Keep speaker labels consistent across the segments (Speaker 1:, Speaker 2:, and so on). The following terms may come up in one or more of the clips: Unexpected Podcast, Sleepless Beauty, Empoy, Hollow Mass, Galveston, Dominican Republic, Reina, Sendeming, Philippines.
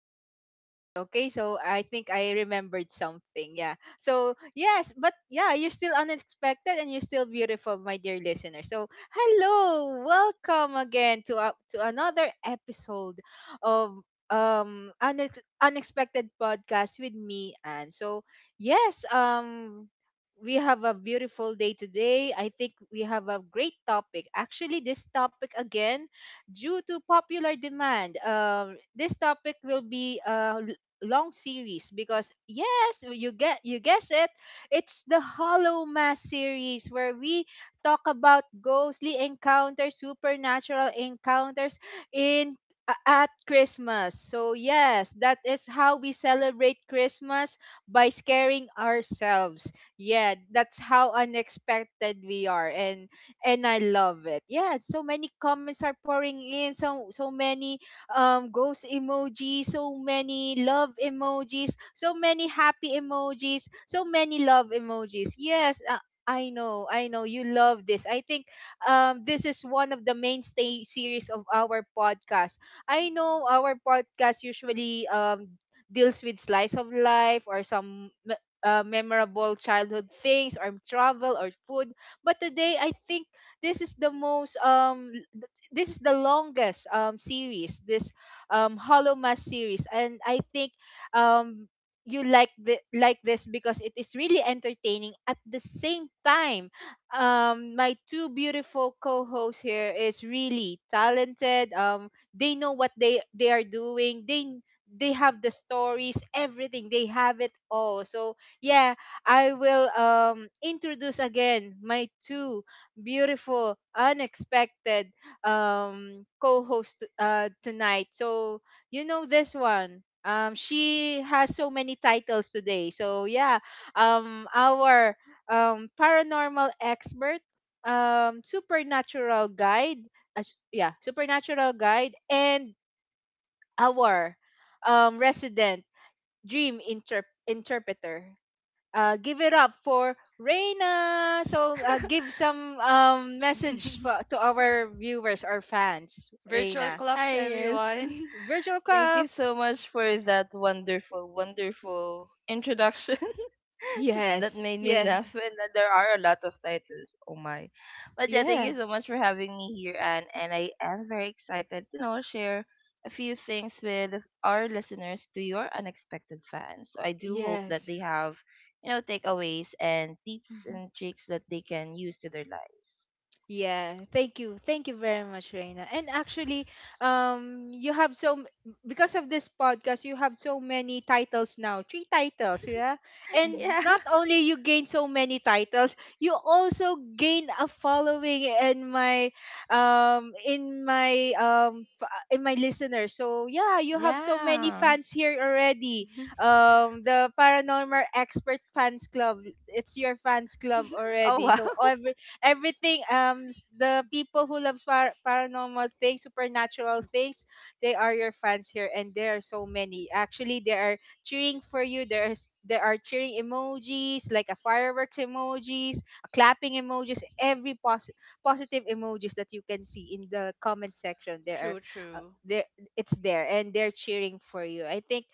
Speaker 1: the right podcast. Okay, so I think I remembered something. Yeah. So yes, but yeah, you're still unexpected and you're still beautiful, my dear listener. So hello, welcome again to up to another episode of unexpected podcast with me. And so yes, we have a beautiful day today. I think we have a great topic. Actually, this topic, again, due to popular demand, this topic will be a long series, because yes, you guess it, it's the Hollow Mass series, where we talk about ghostly encounters, supernatural encounters in at Christmas. So yes, that is how we celebrate Christmas, by scaring ourselves. Yeah, that's how unexpected we are, and I love it. Yeah, so many comments are pouring in, so many ghost emojis, so many love emojis, so many happy emojis, so many love emojis. Yes, I know you love this. I think this is one of the mainstay series of our podcast. I know our podcast usually deals with slice of life or some memorable childhood things or travel or food. But today I think this is the most this is the longest series, this Hollow Mass series. And I think um you like this because it is really entertaining. At the same time, my two beautiful co-hosts here is really talented. They know what they are doing. They have the stories, everything, they have it all. So yeah, I will introduce again my two beautiful unexpected co-hosts tonight. So you know this one. She has so many titles today. So yeah, our paranormal expert, supernatural guide, yeah, supernatural guide, and our resident dream interpreter. Give it up for Reina. So give some message for, to our viewers or fans,
Speaker 2: Virtual
Speaker 1: Reina.
Speaker 2: claps,
Speaker 3: Hi, yes.
Speaker 2: everyone.
Speaker 1: Virtual
Speaker 3: Thank you so
Speaker 1: cups.
Speaker 3: much for that wonderful, wonderful introduction that
Speaker 1: Yes,
Speaker 3: made me
Speaker 1: yes.
Speaker 3: laugh. And that there are a lot of titles. Oh my. But yeah, thank you
Speaker 1: Yeah.
Speaker 3: so much for having me here, Anne. And I am very excited to know share a few things with our listeners to your unexpected fans. So I do hope that they
Speaker 1: Yes.
Speaker 3: have, takeaways and tips
Speaker 2: Mhm,
Speaker 3: and tricks that they can use to their lives.
Speaker 1: Yeah. Thank you. Thank you very much, Reina. And actually, you have so m- because of this podcast, you have so many titles now. Three titles, yeah. And
Speaker 2: mhm,
Speaker 3: Yeah.
Speaker 1: not only you gain so many titles, you also gain a following in my in my listeners. So yeah, you have so many
Speaker 3: Yeah.
Speaker 1: fans here already.
Speaker 2: mhm.
Speaker 1: The Paranormal Expert Fans Club. It's your fans club
Speaker 3: Oh
Speaker 1: already.
Speaker 3: wow.
Speaker 1: So everything, the people who loves paranormal things, supernatural things, they are your fans here, and there are so many. Actually, they are cheering for you. There are cheering emojis, like a fireworks emojis, a clapping emojis, positive emojis that you can see in the comment section. There
Speaker 2: True,
Speaker 1: are
Speaker 2: true.
Speaker 1: there it's there, and they're cheering for you. I think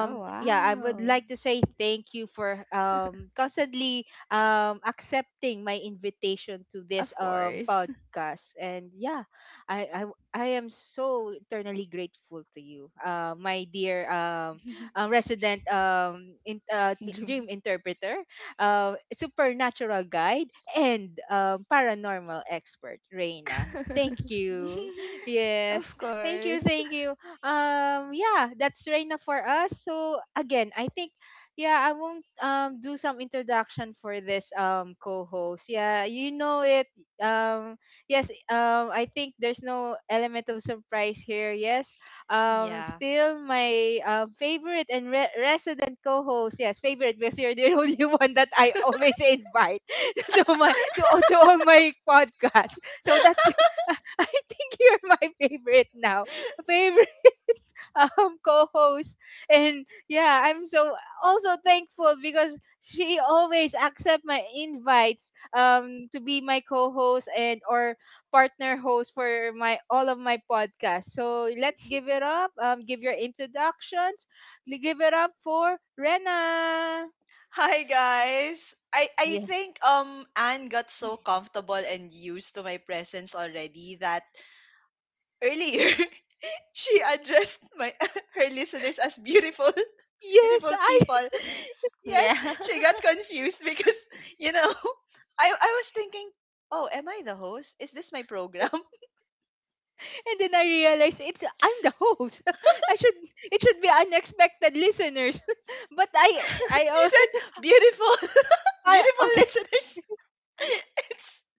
Speaker 3: Oh
Speaker 1: yeah, I would
Speaker 3: wow.
Speaker 1: like to say thank you for constantly accepting my invitation to this
Speaker 3: Of course.
Speaker 1: podcast. And yeah, I am so eternally grateful to you, my dear resident dream
Speaker 3: Dream-
Speaker 1: interpreter, supernatural guide, and paranormal expert, Reina. Thank you. Yes.
Speaker 3: of
Speaker 1: Thank you.
Speaker 3: course.
Speaker 1: Thank you. Yeah, that's Reina for us. So again, I think yeah, I won't do some introduction for this co-host. Yeah, you know it. Um yes, I think there's no element of surprise here. Yes.
Speaker 2: Yeah.
Speaker 1: Still my favorite and resident co-host. Yes, favorite because you're the only one that I always invite to all my podcasts. So that's I think you're my favorite now. Favorite co-host. And yeah, I'm so also thankful because she always accept my invites to be my co-host and or partner host for my all of my podcasts. So let's give it up, give your introductions. Give it up for Rena.
Speaker 2: Hi guys. I
Speaker 1: Yeah.
Speaker 2: think Anne got so comfortable and used to my presence already that earlier she addressed my her listeners as beautiful
Speaker 1: Yes,
Speaker 2: beautiful
Speaker 1: I
Speaker 2: people. Yes,
Speaker 3: Yeah.
Speaker 2: she got confused because you know, I was thinking, "Oh, am I the host? Is this my program?"
Speaker 1: and then I realized it's I'm the host. I should It should be unexpected listeners. but I
Speaker 2: She
Speaker 1: al-
Speaker 2: said, "Beautiful
Speaker 1: I-
Speaker 2: beautiful
Speaker 1: okay.
Speaker 2: listeners." It's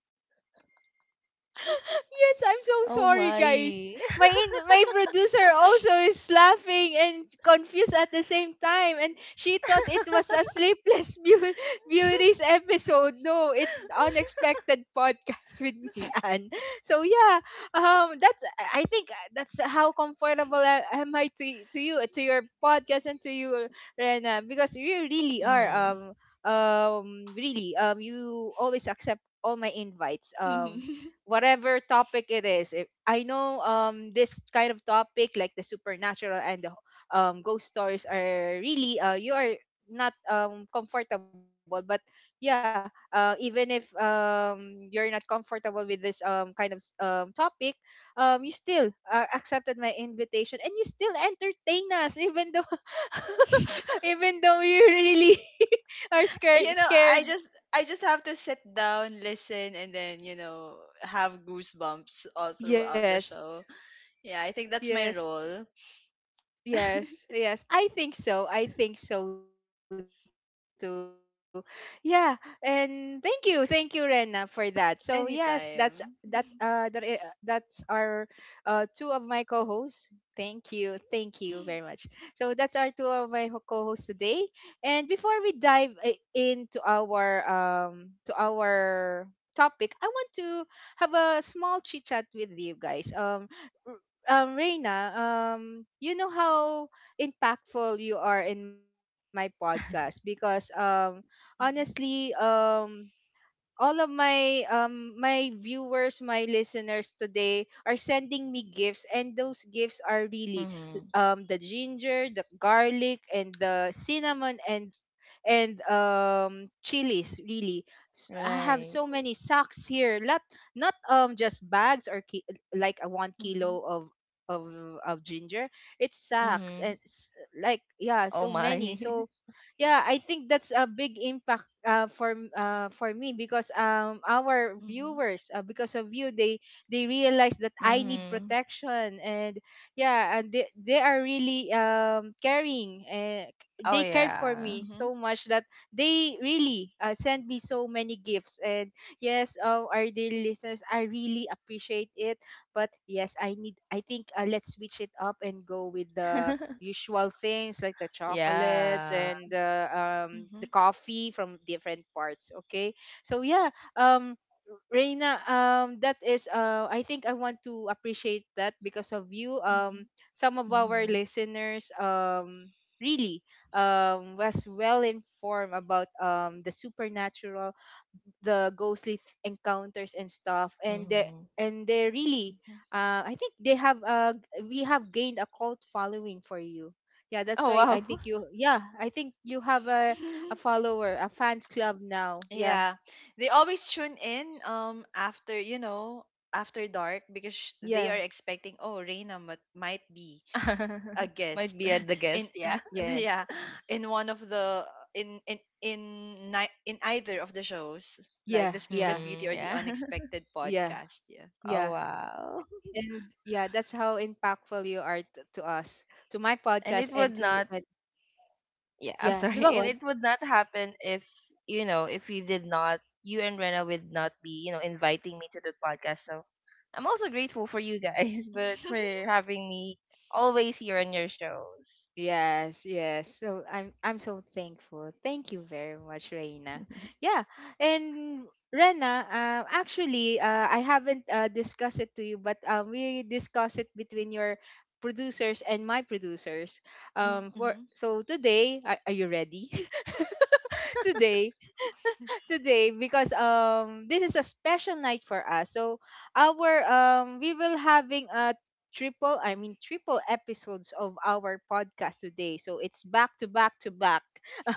Speaker 1: Yes, I'm so
Speaker 3: Oh
Speaker 1: sorry, guys.
Speaker 3: my.
Speaker 1: My producer also is laughing and confused at the same time, and she thought it was a Sleepless Beauties episode. No, it's Unexpected Podcast with me, Anne. So yeah, that's I think that's how comfortable I, am I to you, to your podcast, and to you, Rena, because you really are
Speaker 3: Mhm.
Speaker 1: really, you always accept all my invites,
Speaker 2: Mhm.
Speaker 1: whatever topic it is. If I know this kind of topic, like the supernatural and the ghost stories, are really you are not comfortable, but yeah, even if you're not comfortable with this kind of topic, you still accepted my invitation, and you still entertain us, even though even though you really are
Speaker 2: You know,
Speaker 1: scared.
Speaker 2: i just I just have to sit down, listen, and then you know, have goosebumps all throughout the
Speaker 1: Yes,
Speaker 2: show. Yeah, I think that's my
Speaker 1: yes.
Speaker 2: role.
Speaker 1: Yes, yes, I think so. I think so too. Yeah, and thank you, Rena, for that. So yes, that's that.
Speaker 2: Anytime.
Speaker 1: That's our two of my co-hosts. Thank you very much. So that's our two of my co-hosts today. And before we into our to our topic, I want to have a small chit chat with you guys. R- Reina, you know how impactful you are in my podcast, because honestly, all of my my viewers, my listeners today are sending me gifts, and those gifts are really
Speaker 3: Mhm.
Speaker 1: the ginger, the garlic, and the cinnamon, and chilies, really. I have
Speaker 3: Right.
Speaker 1: so many sacks here, not not just bags or like a one
Speaker 2: Mhm,
Speaker 1: kilo of of of ginger. It's sacks and
Speaker 3: Mhm.
Speaker 1: like, yeah,
Speaker 3: Oh
Speaker 1: so many.
Speaker 3: my.
Speaker 1: So yeah, I think that's a big impact for me, because our
Speaker 2: mhm, mhm,
Speaker 1: viewers, because of you, they realize that I need
Speaker 3: Mhm.
Speaker 1: protection, and yeah, and they are really caring, and
Speaker 3: Oh
Speaker 1: they cared for me
Speaker 3: yeah.
Speaker 2: mhm,
Speaker 1: so much that they really send me so many gifts. And yes, our dear listeners, I really appreciate it, but yes, I need, I think, let's switch it up and go with the usual things, like the chocolates
Speaker 3: yeah.
Speaker 1: and
Speaker 2: mhm,
Speaker 1: the coffee from different parts. Okay, so yeah, um Reina, that is, I think I want to appreciate that because of you,
Speaker 2: mhm,
Speaker 1: some of our
Speaker 3: Mhm.
Speaker 1: listeners really was well informed about the supernatural, the ghostly encounters and stuff, and
Speaker 3: Mhm.
Speaker 1: they really,
Speaker 2: mhm.
Speaker 1: I think they have we have gained a cult following for you. Yeah, that's
Speaker 3: Oh
Speaker 1: why I
Speaker 3: wow.
Speaker 1: think you, yeah, I think you have a follower, a fans club now. Yeah.
Speaker 2: Yeah, they always tune in after you know, after dark because they
Speaker 1: Yeah.
Speaker 2: are expecting, "Oh, Reina might be a guest
Speaker 3: Might be at the
Speaker 2: in
Speaker 3: guest, yeah.
Speaker 1: Yes.
Speaker 2: yeah, in one of the in in in in either of the shows, like
Speaker 1: Yeah.
Speaker 2: the Sleepless
Speaker 1: Yeah.
Speaker 2: Beauty
Speaker 3: Mhm.
Speaker 2: or the
Speaker 3: Yeah.
Speaker 2: Unexpected
Speaker 1: Yeah.
Speaker 2: Podcast." Yeah.
Speaker 3: Oh
Speaker 1: Yeah.
Speaker 3: wow.
Speaker 1: And yeah, that's how impactful you are to us, to my
Speaker 3: And
Speaker 1: podcast,
Speaker 3: it
Speaker 1: and
Speaker 3: would
Speaker 1: to
Speaker 3: not
Speaker 1: and
Speaker 3: yeah, I'm
Speaker 1: yeah, you go
Speaker 3: sorry. And
Speaker 1: on.
Speaker 3: it would not happen if, if you did not, you and Rena would not be, you know, inviting me to the podcast. So I'm also grateful for you guys, but for having me always here on your shows.
Speaker 1: Yes, yes. So I'm so thankful. Thank you very much, Reina. Yeah, and Rena, actually, I haven't discussed it to you, but we discussed it between your producers and my producers.
Speaker 2: Hmm.
Speaker 1: For so today, are you ready? today today, because this is a special night for us. So our we will having a triple I mean triple episodes of our podcast today. So it's back to back to back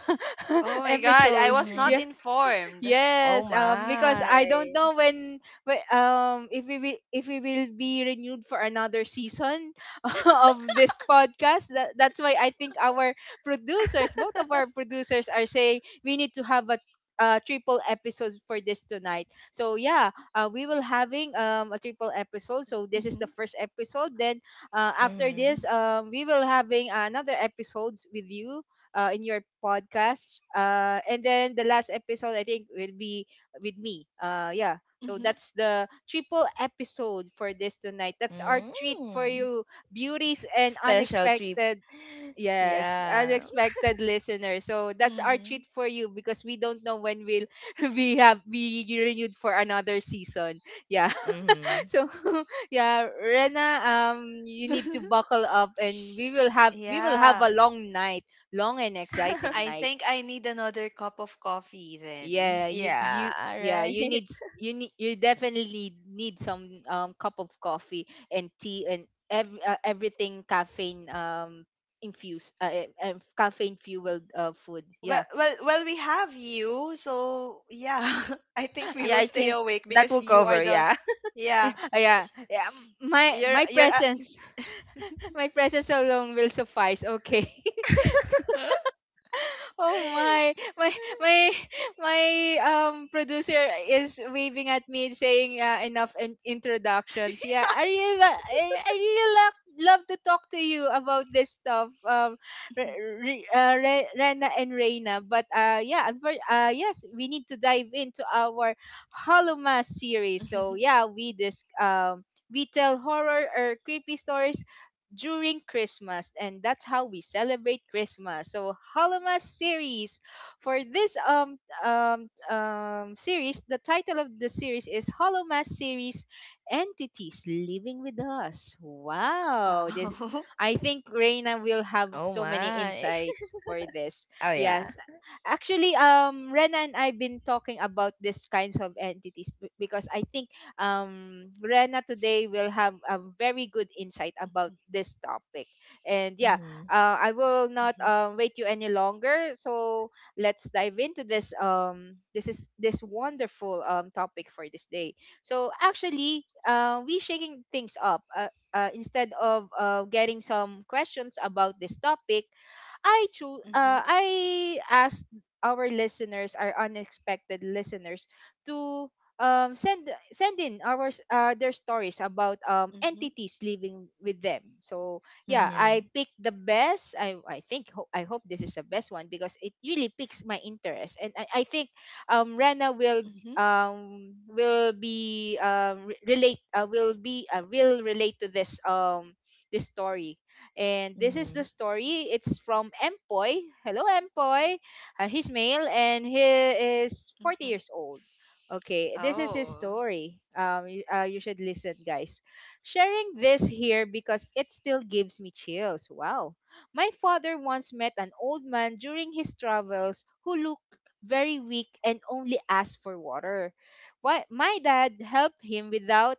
Speaker 2: Oh my god, I
Speaker 1: episodes.
Speaker 2: was
Speaker 3: Mm-hmm.
Speaker 2: not
Speaker 1: Yeah.
Speaker 2: informed.
Speaker 3: Oh
Speaker 1: Yes, because I don't
Speaker 3: my.
Speaker 1: know when, if we will, if we will be renewed for another season of this podcast. That's why I think our producers, both of our producers, are saying we need to have a triple episode for this tonight. So yeah, we will having a triple episode. So this is
Speaker 2: Hmm.
Speaker 1: the first episode. Then after this,
Speaker 3: Mm-hmm.
Speaker 1: we will having another episodes with you, in your podcast. And then the last episode, I think, will be with me. Yeah. So
Speaker 2: Hmm.
Speaker 1: that's the triple episode for this tonight. That's our treat for
Speaker 3: Mm.
Speaker 1: you, beauties and
Speaker 3: Special trip.
Speaker 1: unexpected. Yes,
Speaker 3: Yeah.
Speaker 1: unexpected listeners. So that's our
Speaker 2: Hmm.
Speaker 1: treat for you, because we don't know when we'll we have be renewed for another season. Yeah.
Speaker 3: Mm-hmm.
Speaker 1: so yeah, Rena, you need to buckle up, and we will have
Speaker 2: Yeah,
Speaker 1: a long night, long and exciting
Speaker 2: I
Speaker 1: night.
Speaker 2: think I need another cup of coffee then.
Speaker 1: Yeah. you
Speaker 3: Yeah,
Speaker 1: you
Speaker 3: all
Speaker 1: yeah,
Speaker 3: right.
Speaker 1: you need you need, you definitely need some cup of coffee and tea and everything caffeine, infused, caffeine fueled, food.
Speaker 2: well
Speaker 1: Yeah.
Speaker 2: well well we have you, so yeah. I think we
Speaker 3: Yeah,
Speaker 2: will
Speaker 3: I
Speaker 2: stay
Speaker 3: think
Speaker 2: awake
Speaker 3: that
Speaker 2: because
Speaker 3: will
Speaker 2: you are
Speaker 3: cover,
Speaker 2: the
Speaker 3: yeah.
Speaker 1: Yeah,
Speaker 2: yeah,
Speaker 1: yeah, yeah, my
Speaker 2: you're
Speaker 1: my
Speaker 2: you're
Speaker 1: presence. My presence alone will suffice, okay. Oh my my. Producer is waving at me, saying, enough introductions. Yeah, I really love to talk to you about this stuff. Re, Rena and Reina, but yeah, yes, we need to dive into our Hollow series. So
Speaker 2: Mhm.
Speaker 1: yeah, we tell horror or creepy stories during Christmas, and that's how we celebrate Christmas. So, Halamas series. For this series, the title of the series is Halamas series, entities living with us. Wow. this
Speaker 2: Wow.
Speaker 1: I think Reina will have
Speaker 3: Oh
Speaker 1: so many
Speaker 3: my.
Speaker 1: insights for this.
Speaker 3: Oh yeah.
Speaker 1: Yes. Actually, Rena and I've been talking about these kinds of entities, because I think Rena today will have a very good insight about this topic. And yeah,
Speaker 3: Mhm.
Speaker 1: I will not
Speaker 2: Mhm.
Speaker 1: wait you any longer. So let's dive into this. This is this wonderful, topic for this day. So actually, we shaking things up. Instead of getting some questions about this topic, I choose.
Speaker 2: Mhm.
Speaker 1: I asked our listeners, our unexpected listeners, to send in their stories about
Speaker 2: Mhm.
Speaker 1: entities living with them. So yeah, I
Speaker 3: Mhm.
Speaker 1: picked the best. I think, I hope this is the best one, because it really piques my interest. And I think Rena
Speaker 2: Mhm.
Speaker 1: will relate to this, this story. And this is the
Speaker 3: Mhm.
Speaker 1: story. It's from Empoy. Hello, Empoy. He's male and he is 40
Speaker 2: Mhm.
Speaker 1: years old. Okay, this is his
Speaker 2: Oh.
Speaker 1: story. You should listen, guys. Sharing this here because it still gives me chills. Wow. My father once met an old man during his travels who looked very weak and only asked for water. Why, my dad helped him without,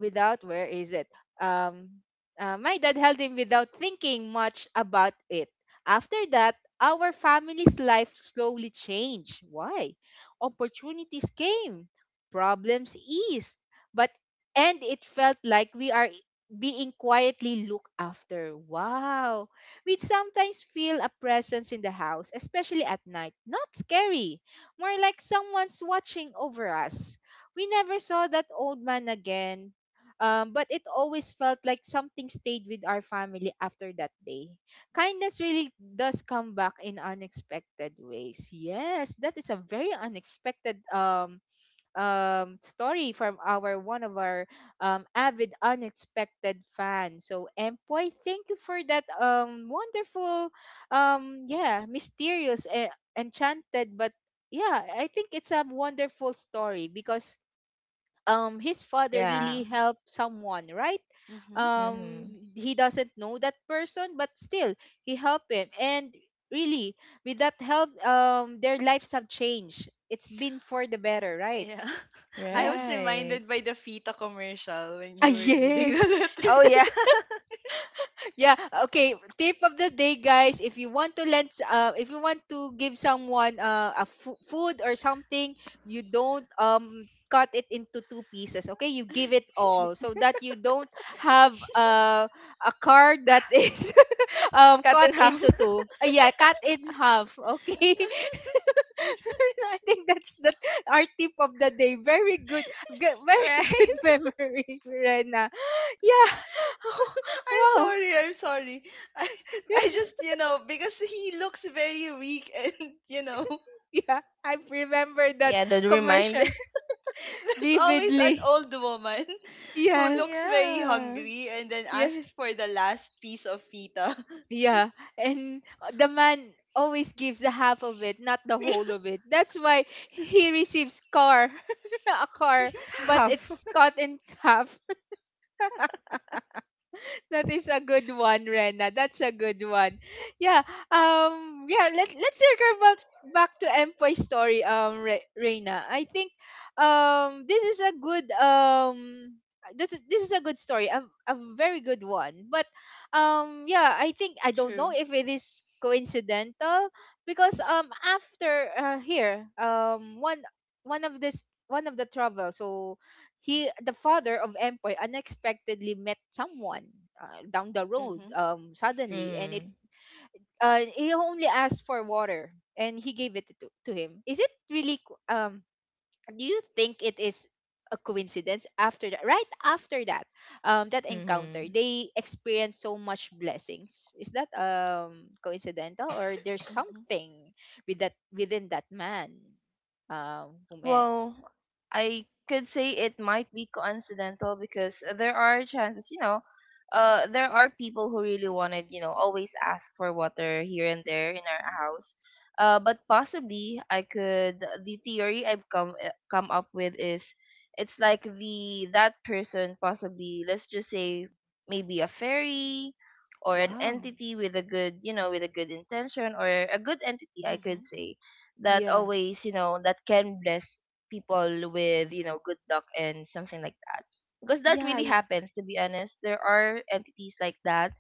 Speaker 1: without where is it um my dad held him without thinking much about it. After that, our family's life slowly changed. Why? Opportunities came, problems eased, but and it felt like we are being quietly looked after. Wow. We'd sometimes feel a presence in the house, especially at night. Not scary, more like someone's watching over us. We never saw that old man again. But it always felt like something stayed with our family after that day. Kindness really does come back in unexpected ways. Yes, that is a very unexpected, story from our one of our avid unexpected fan. So, Empoy, thank you for that wonderful, yeah, mysterious, enchanted, but yeah, I think it's a wonderful story, because his father
Speaker 3: Yeah.
Speaker 1: really helped someone, right?
Speaker 2: Mhm.
Speaker 3: Mhm.
Speaker 1: um he doesn't know that person, but still he helped him. And really, with that help, their lives have changed. It's been for the better, right?
Speaker 2: Yeah. I was
Speaker 1: Yeah.
Speaker 2: reminded
Speaker 3: Right.
Speaker 2: by the Fita commercial when you
Speaker 1: Ah,
Speaker 2: were reading the
Speaker 1: yes.
Speaker 2: letter.
Speaker 3: Oh yeah.
Speaker 1: Yeah, okay. Tip of the day, guys. If you want to lend, s- If you want to give someone food or something, you don't cut it into two pieces. Okay, you give it all so that you don't have a card that is
Speaker 3: Cut
Speaker 1: cut
Speaker 3: in half.
Speaker 1: into two. Yeah, cut in half. Okay, I think that's that our tip of the day. Very good, good very
Speaker 3: Right.
Speaker 1: good memory, Rena. Yeah.
Speaker 2: I'm
Speaker 1: Wow.
Speaker 2: sorry. I'm sorry. I I just, you know, because he looks very weak and, you know,
Speaker 1: Yeah, I remember that
Speaker 3: Yeah, the reminder.
Speaker 1: commercial
Speaker 2: there's always an
Speaker 1: vividly.
Speaker 2: old woman who
Speaker 1: Yeah,
Speaker 2: looks very
Speaker 3: Yeah.
Speaker 2: hungry and then
Speaker 1: yeah,
Speaker 2: asks for the last piece of Fita.
Speaker 1: yeah. And the man always gives the half of it, not the whole of it. That's why he receives a car, but
Speaker 3: Half.
Speaker 1: it's cut in half. That is a good one, Rena. That's a good one. Yeah. Yeah. Let's circle back to Empoy's story. Rena, I think, um, this is a good um. This is a good story. A very good one. But, yeah. I don't know
Speaker 2: True.
Speaker 1: if it is coincidental, because after, here, one of this one of the travel. So, he the father of Empoy unexpectedly met someone, down the road,
Speaker 2: Mm-hmm.
Speaker 1: suddenly, and it —
Speaker 3: Mhm.
Speaker 1: he only asked for water, and he gave it to him. Is it really, do you think it is a coincidence? After that, right after that, that encounter,
Speaker 3: Mhm.
Speaker 1: they experienced so much blessings. Is that coincidental, or there's
Speaker 2: Mm-hmm.
Speaker 1: something within that man, who met?
Speaker 3: Well, I could say it might be coincidental because there are chances, you know, there are people who really wanted, you know, always ask for water here and there in our house. But possibly I could theory I've come up with is it's like the that person, possibly, let's just say maybe a fairy or an
Speaker 1: Wow.
Speaker 3: entity with a good, you know, with a good intention, or a good entity, I
Speaker 2: Mm-hmm.
Speaker 3: could say, that
Speaker 1: Yeah.
Speaker 3: always, you know, that can bless people with, you know, good luck and something like that. Because that
Speaker 1: Yeah.
Speaker 3: really happens, to be honest. There are entities like that.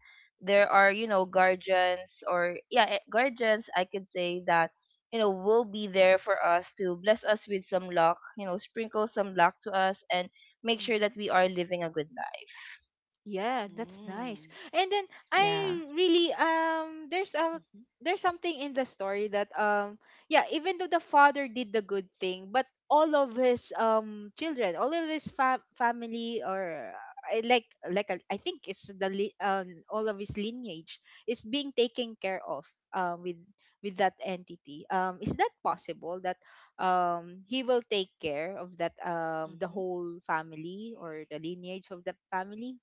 Speaker 3: There are, you know, guardians or, guardians, I could say that, you know, will be there for us to bless us with some luck, you know, sprinkle some luck to us and make sure
Speaker 2: Mm-hmm.
Speaker 3: that we are living a good life.
Speaker 1: Yeah, that's nice.
Speaker 2: Mm.
Speaker 1: And then I
Speaker 3: Yeah.
Speaker 1: really,
Speaker 2: Mm-hmm.
Speaker 1: there's something in the story that, yeah, even though the father did the good thing, but all of his children, all of his family, or I like I think it's the all of his lineage is being taken care of, um with with that entity. Is that possible that he will take care of that the
Speaker 2: Mm-hmm.
Speaker 1: whole family or the lineage of the family?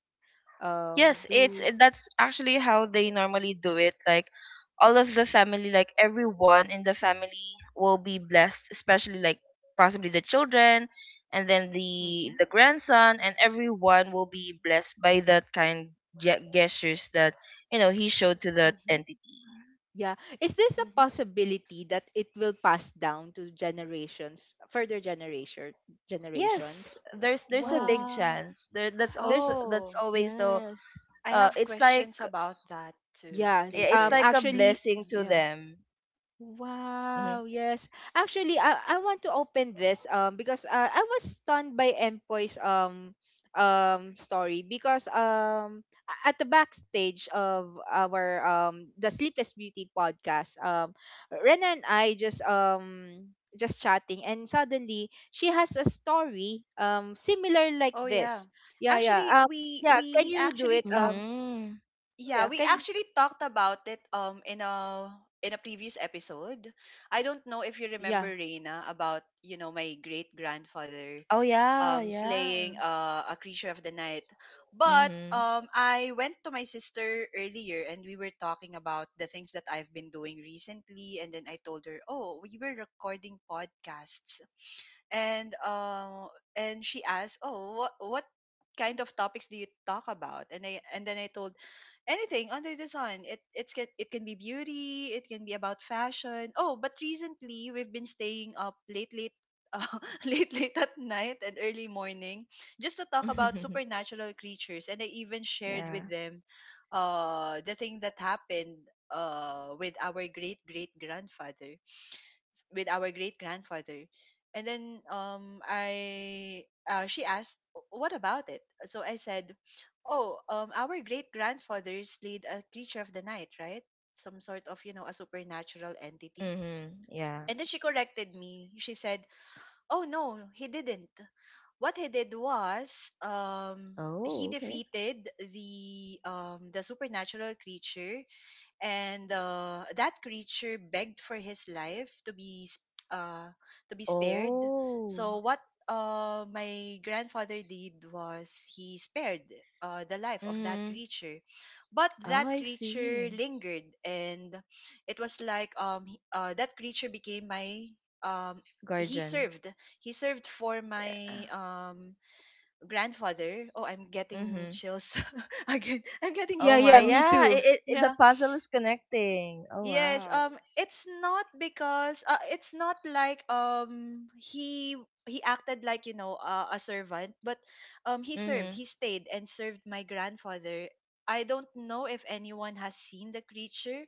Speaker 3: Yes,
Speaker 1: Do
Speaker 3: that's actually how they normally do it. Like all of the family, like everyone in the family will be blessed, especially like possibly the children and then
Speaker 2: Hmm.
Speaker 3: the
Speaker 2: Mm.
Speaker 3: the grandson, and everyone will be blessed by that kind ge- gestures that you know he showed to that
Speaker 2: Mm-hmm.
Speaker 3: entity.
Speaker 1: Yeah, is this a
Speaker 2: Mm-hmm.
Speaker 1: possibility that it will pass down to generations further
Speaker 3: Yes,
Speaker 1: generations?
Speaker 3: there's a
Speaker 2: Oh.
Speaker 3: big
Speaker 1: Wow.
Speaker 3: chance. There that's also
Speaker 1: there's
Speaker 3: That's
Speaker 2: Oh.
Speaker 3: always the
Speaker 1: Yes.
Speaker 2: I have
Speaker 3: it's like
Speaker 2: questions about that too
Speaker 1: Yes.
Speaker 3: yeah, it's
Speaker 2: later.
Speaker 3: like a
Speaker 1: Actually,
Speaker 2: Yeah.
Speaker 3: blessing to
Speaker 1: yeah.
Speaker 3: them. Mhm.
Speaker 1: Wow, yes. Actually, I want to open this, because, I was stunned by Empoy's story, because, at the backstage of our the Sleepless Beauty podcast, Rena and I just, chatting, and suddenly she has a story, similar like
Speaker 2: Oh yeah.
Speaker 1: this. Yeah,
Speaker 2: Actually,
Speaker 1: yeah.
Speaker 2: we
Speaker 1: Yeah, can
Speaker 2: we
Speaker 1: you do
Speaker 2: actually
Speaker 1: it?
Speaker 2: talked
Speaker 3: Mhm.
Speaker 2: Yeah,
Speaker 1: Yeah,
Speaker 2: we
Speaker 1: can
Speaker 2: actually talked about it in a previous episode. I don't know if you remember,
Speaker 1: yeah.
Speaker 2: Reina, about, you know, my great grandfather
Speaker 3: Oh yeah, yeah.
Speaker 2: slaying a creature of the night. But
Speaker 3: Mhm.
Speaker 2: I went to my sister earlier and we were talking about the things that I've been doing recently and then I told her, "Oh, we were recording podcasts," and um and she asked, "Oh, what kind of topics do you talk about?" And I told, "Anything under the sun. It's it can be beauty, it can be about fashion. Oh, but recently we've been staying up late uh, late late at night and early morning just to talk about supernatural creatures." And I even shared
Speaker 3: Yeah.
Speaker 2: with them the thing that happened with our great great grandfather, with our great grandfather. And then I she asked, "What about it?" So I said, "Oh, our great grandfather slayed a creature of the night, right? Some sort of you know, a supernatural entity."
Speaker 3: Mhm. Yeah.
Speaker 2: And then she corrected me. She said, "Oh no, he didn't. What he did was he
Speaker 3: Oh, okay.
Speaker 2: defeated the supernatural creature, and that creature begged for his life to be uh, to be spared.
Speaker 3: Oh.
Speaker 2: So what my grandfather did was he spared the life of that
Speaker 3: Mhm.
Speaker 2: creature, but
Speaker 3: Oh,
Speaker 2: that
Speaker 3: I
Speaker 2: creature
Speaker 3: see.
Speaker 2: lingered." And it was like that creature became my um he
Speaker 3: Guardian.
Speaker 2: served, he served for my
Speaker 3: Yeah.
Speaker 2: grandfather. Oh, I'm getting
Speaker 3: Mhm.
Speaker 2: chills. Again, I'm getting
Speaker 3: Oh
Speaker 1: Yeah,
Speaker 3: my.
Speaker 1: yeah, me
Speaker 2: goosebumps.
Speaker 3: Yeah. It,
Speaker 1: too.
Speaker 3: it, it The
Speaker 2: Yeah.
Speaker 3: puzzle is connecting. Oh
Speaker 2: Yes,
Speaker 3: wow.
Speaker 2: it's not because it's not like he acted like, you know, a servant, but um,
Speaker 3: Mhm.
Speaker 2: he stayed and served my grandfather. I don't know if anyone has seen the creature,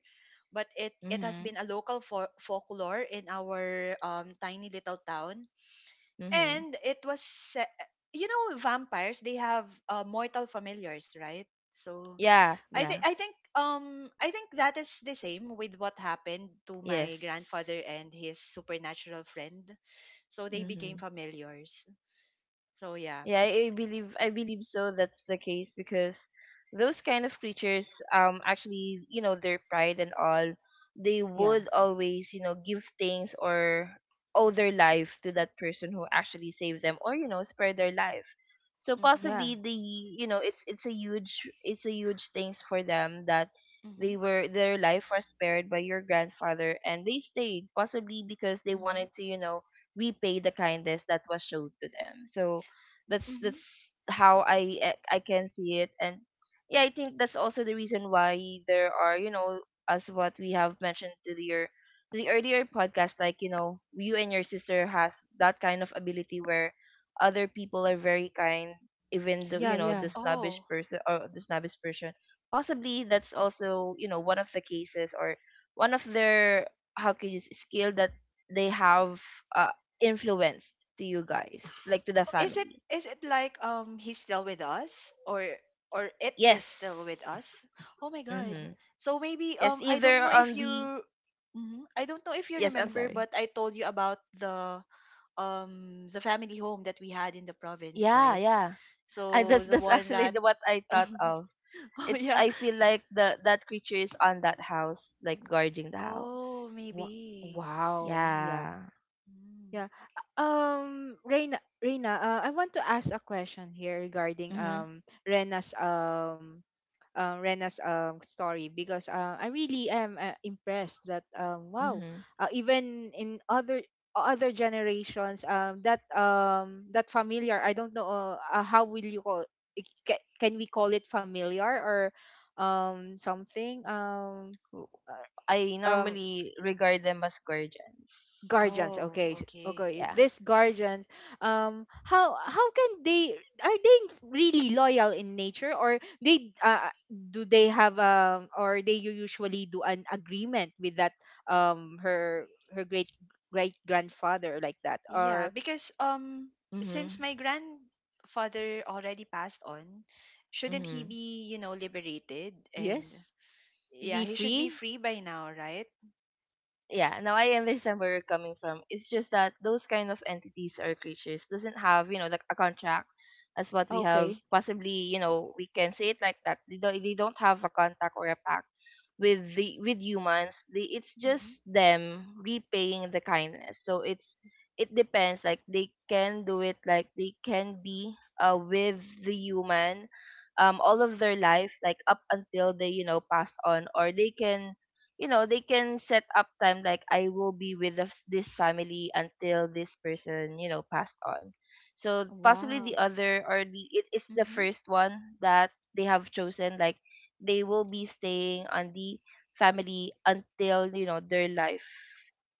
Speaker 2: but it has
Speaker 3: Mhm.
Speaker 2: been a local folklore in our tiny little town,
Speaker 3: Mhm.
Speaker 2: and it was you know, vampires, they have mortal familiars, right? So
Speaker 3: Yeah.
Speaker 2: I think
Speaker 3: Yeah.
Speaker 2: I think um I think that is the same with what happened to
Speaker 3: Yes.
Speaker 2: my grandfather and his supernatural friend. So they became
Speaker 3: Mhm.
Speaker 2: familiars. So yeah.
Speaker 3: Yeah, I believe, I believe so. That's the case because those kind of creatures, actually, you know, their pride and all, they
Speaker 1: Yeah.
Speaker 3: would always, you know, give things or owe their life to that person who actually saved them or, you know, spared their life. So
Speaker 2: Mhm.
Speaker 1: Yeah.
Speaker 3: possibly the, you know, it's a huge, it's a huge things for them that
Speaker 2: Mhm.
Speaker 3: they were their life was spared by your grandfather, and they stayed possibly because they
Speaker 2: Mhm.
Speaker 3: wanted to, you know, repay the kindness that was showed to them. So that's
Speaker 2: Mhm.
Speaker 3: how I can see it. And yeah, I think that's also the reason why there are, you know, as what we have mentioned to to the earlier podcast, like, you know, you and your sister has that kind of ability where other people are very kind, even the,
Speaker 1: Yeah,
Speaker 3: you know, the
Speaker 1: yeah.
Speaker 3: snobbish
Speaker 2: Oh.
Speaker 3: person or the snobbish person. Possibly that's also, you know, one of the cases or one of their, how can you skill that they have uh, influenced to you guys, like to the
Speaker 2: Oh. Is it
Speaker 3: family.
Speaker 2: is it like he's still with us, or it is
Speaker 3: Yes.
Speaker 2: still with us? Oh my god.
Speaker 3: Mm-hmm.
Speaker 2: So maybe
Speaker 3: Yes,
Speaker 2: I don't
Speaker 3: either
Speaker 2: know if
Speaker 3: on
Speaker 2: you
Speaker 3: the
Speaker 2: Mhm. I don't know if you
Speaker 3: yes, I'm
Speaker 2: remember,
Speaker 3: sorry.
Speaker 2: but I told you about the family home that we had in the province,
Speaker 3: Yeah,
Speaker 2: right?
Speaker 3: yeah. I
Speaker 2: So
Speaker 3: that's
Speaker 2: the one that
Speaker 3: actually the what I thought of.
Speaker 2: Oh
Speaker 3: It's
Speaker 2: yeah.
Speaker 3: I feel like the that creature is on that house, like guarding the
Speaker 2: Oh,
Speaker 3: house.
Speaker 1: Wa-
Speaker 2: maybe.
Speaker 1: Wow. Yeah.
Speaker 3: Yeah.
Speaker 2: Mm.
Speaker 1: Yeah. Reina, I want to ask a question here regarding
Speaker 3: Mhm.
Speaker 1: Rena's story, because, I really am, impressed that, wow,
Speaker 3: Mhm.
Speaker 1: even in other generations, that, that familiar, I don't know, how will you call it? Can we call it familiar or something,
Speaker 3: W-
Speaker 1: uh,
Speaker 3: I
Speaker 1: um
Speaker 3: normally regard them as guardians.
Speaker 1: guardians,
Speaker 2: Oh,
Speaker 1: okay.
Speaker 2: okay.
Speaker 1: Okay,
Speaker 3: Yeah.
Speaker 1: this guardians. How can they — are they really loyal in nature, or they, do they have, or they, usually do an agreement with that, um her her great grandfather like that, or
Speaker 2: Yeah, because
Speaker 3: Mhm.
Speaker 2: since my grandfather already passed on, shouldn't he
Speaker 3: Mhm.
Speaker 2: be, you know, liberated and
Speaker 1: yes, be
Speaker 2: yeah, he should be
Speaker 1: free,
Speaker 2: free by now, right?
Speaker 3: Yeah, now I understand where you're coming from. It's just that those kind of entities or creatures doesn't have, you know, like a contract, as what we have
Speaker 1: okay.
Speaker 3: possibly, you know, we can say it like that. They don't, they don't have a contract or a pact with the with humans. It's
Speaker 2: Mhm.
Speaker 3: just them repaying the kindness. So it's, it depends, like they can do it, like they can be with the human all of their life, like up until they, you know, passed on, or they can, you know, they can set up time, like I will be with the, this family until this person, you know, passed on. So possibly the
Speaker 1: Wow.
Speaker 3: other, or the it, it's the
Speaker 2: Mhm.
Speaker 3: first one that they have chosen, like they will be staying on the family until, you know, their life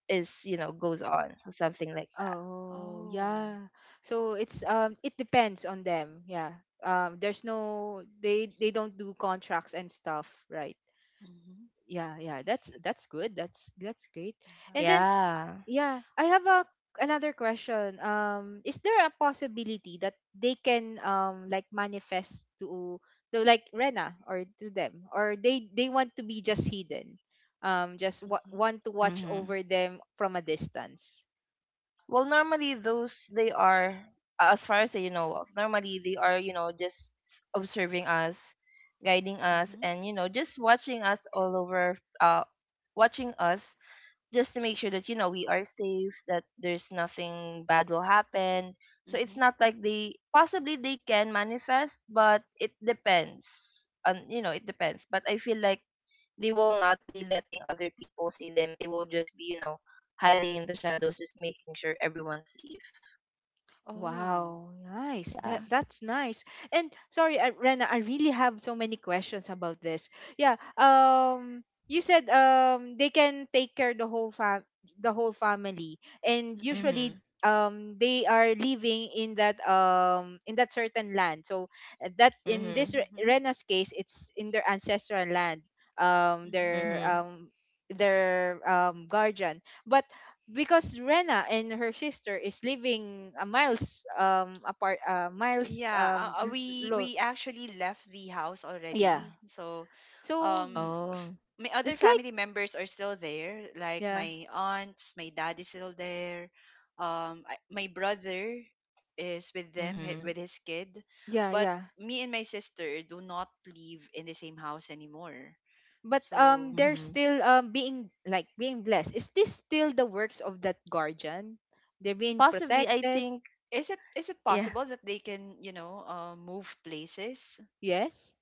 Speaker 3: is, you know, goes on. So something like that.
Speaker 1: Oh
Speaker 2: Oh.
Speaker 1: yeah. So it's, it depends on them. Yeah. There's no, they don't do contracts and stuff, right?
Speaker 2: Mhm.
Speaker 1: Yeah, yeah. That's good. That's great.
Speaker 2: Wow.
Speaker 1: And then,
Speaker 3: Yeah.
Speaker 1: yeah, I have a another question. Is there a possibility that they can, like, manifest to, like, Rena, or to them? Or they want to be just hidden, just,
Speaker 2: Mhm.
Speaker 1: want to watch
Speaker 3: Mm-hmm.
Speaker 1: over them from a distance?
Speaker 3: Well, normally those they are, as far as I know of, normally they are, you know, just observing us, guiding us,
Speaker 2: Mhm.
Speaker 3: and, you know, just watching us all over, watching us, just to make sure that, you know, we are safe, that there's nothing bad will happen. So it's
Speaker 2: Mhm.
Speaker 3: not like they, possibly they can manifest, but it depends on, you know, it depends. But I feel like they will not be letting other people see them. They will just be, you know, hiding in the shadows, just making sure everyone's safe.
Speaker 2: Oh.
Speaker 1: Wow, nice.
Speaker 3: Yeah.
Speaker 1: That's nice. And sorry, Rena, I really have so many questions about this. Yeah. You said, they can take care the whole fam the whole family, and
Speaker 2: Mhm.
Speaker 3: Mhm.
Speaker 1: usually, they are living in that certain land. So, that in this,
Speaker 3: Mhm.
Speaker 2: Mhm.
Speaker 1: Rena's case, it's in their ancestral land. Um,
Speaker 2: Mhm.
Speaker 1: their
Speaker 3: Mhm.
Speaker 1: um their, guardian, but because Rena and her sister is living a miles apart,
Speaker 2: Yeah, we
Speaker 1: lo-
Speaker 2: we actually left the house
Speaker 1: yeah,
Speaker 2: already. So,
Speaker 1: so
Speaker 2: um,
Speaker 3: Oh.
Speaker 2: f my other
Speaker 1: it's like.
Speaker 2: family members are still there. Like
Speaker 1: Yeah,
Speaker 2: my aunts, my dad is still there. I, my brother is with them
Speaker 3: Mhm.
Speaker 2: with his kid,
Speaker 1: yeah,
Speaker 2: but
Speaker 1: yeah.
Speaker 2: me and my sister do not live in the same house anymore.
Speaker 1: But,
Speaker 2: So,
Speaker 1: they're
Speaker 3: Mhm.
Speaker 1: still, being blessed. Is this still the works of that guardian? They're being
Speaker 3: Possibly, I
Speaker 1: protected?
Speaker 3: think.
Speaker 2: is it
Speaker 3: Yeah,
Speaker 2: possible that they can, you know, move places?
Speaker 1: Yes.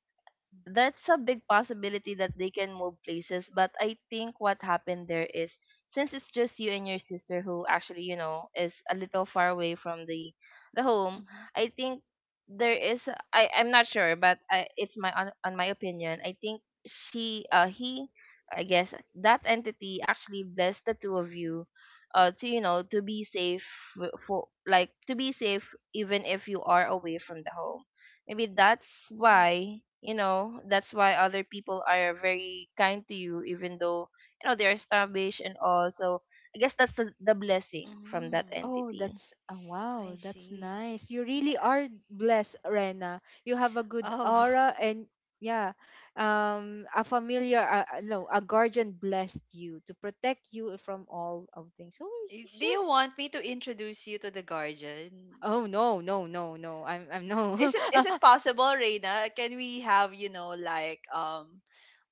Speaker 2: Mm-hmm.
Speaker 3: that's a big possibility that they can move places. But I think what happened there is, since it's just you and your sister who actually, you know, is a little far away from the home,
Speaker 2: Mm-hmm.
Speaker 3: I think there is, I'm not sure, but I, it's my on my opinion, I think she he, I guess that entity actually blessed the two of you to, you know, to be safe, for, like, to be safe even if you are away from the home. Maybe that's why, you know, that's why other people are very kind to you, even though, you know, they're established and all. So I guess that's the blessing from that
Speaker 2: Mm-hmm.
Speaker 1: Oh,
Speaker 3: entity.
Speaker 2: I
Speaker 1: wow, that's
Speaker 2: see.
Speaker 1: nice. You really
Speaker 3: Yeah.
Speaker 1: are blessed, Rena. You have a good
Speaker 2: Oh.
Speaker 1: aura, and yeah, a familiar — no, a guardian — blessed you to protect you from all of things. So
Speaker 2: Y- Do
Speaker 1: you're,
Speaker 2: you want me to introduce you to the guardian?
Speaker 1: oh, no, no, no, no. I'm no.
Speaker 2: Is it is it possible, Reina? Can we have, you know,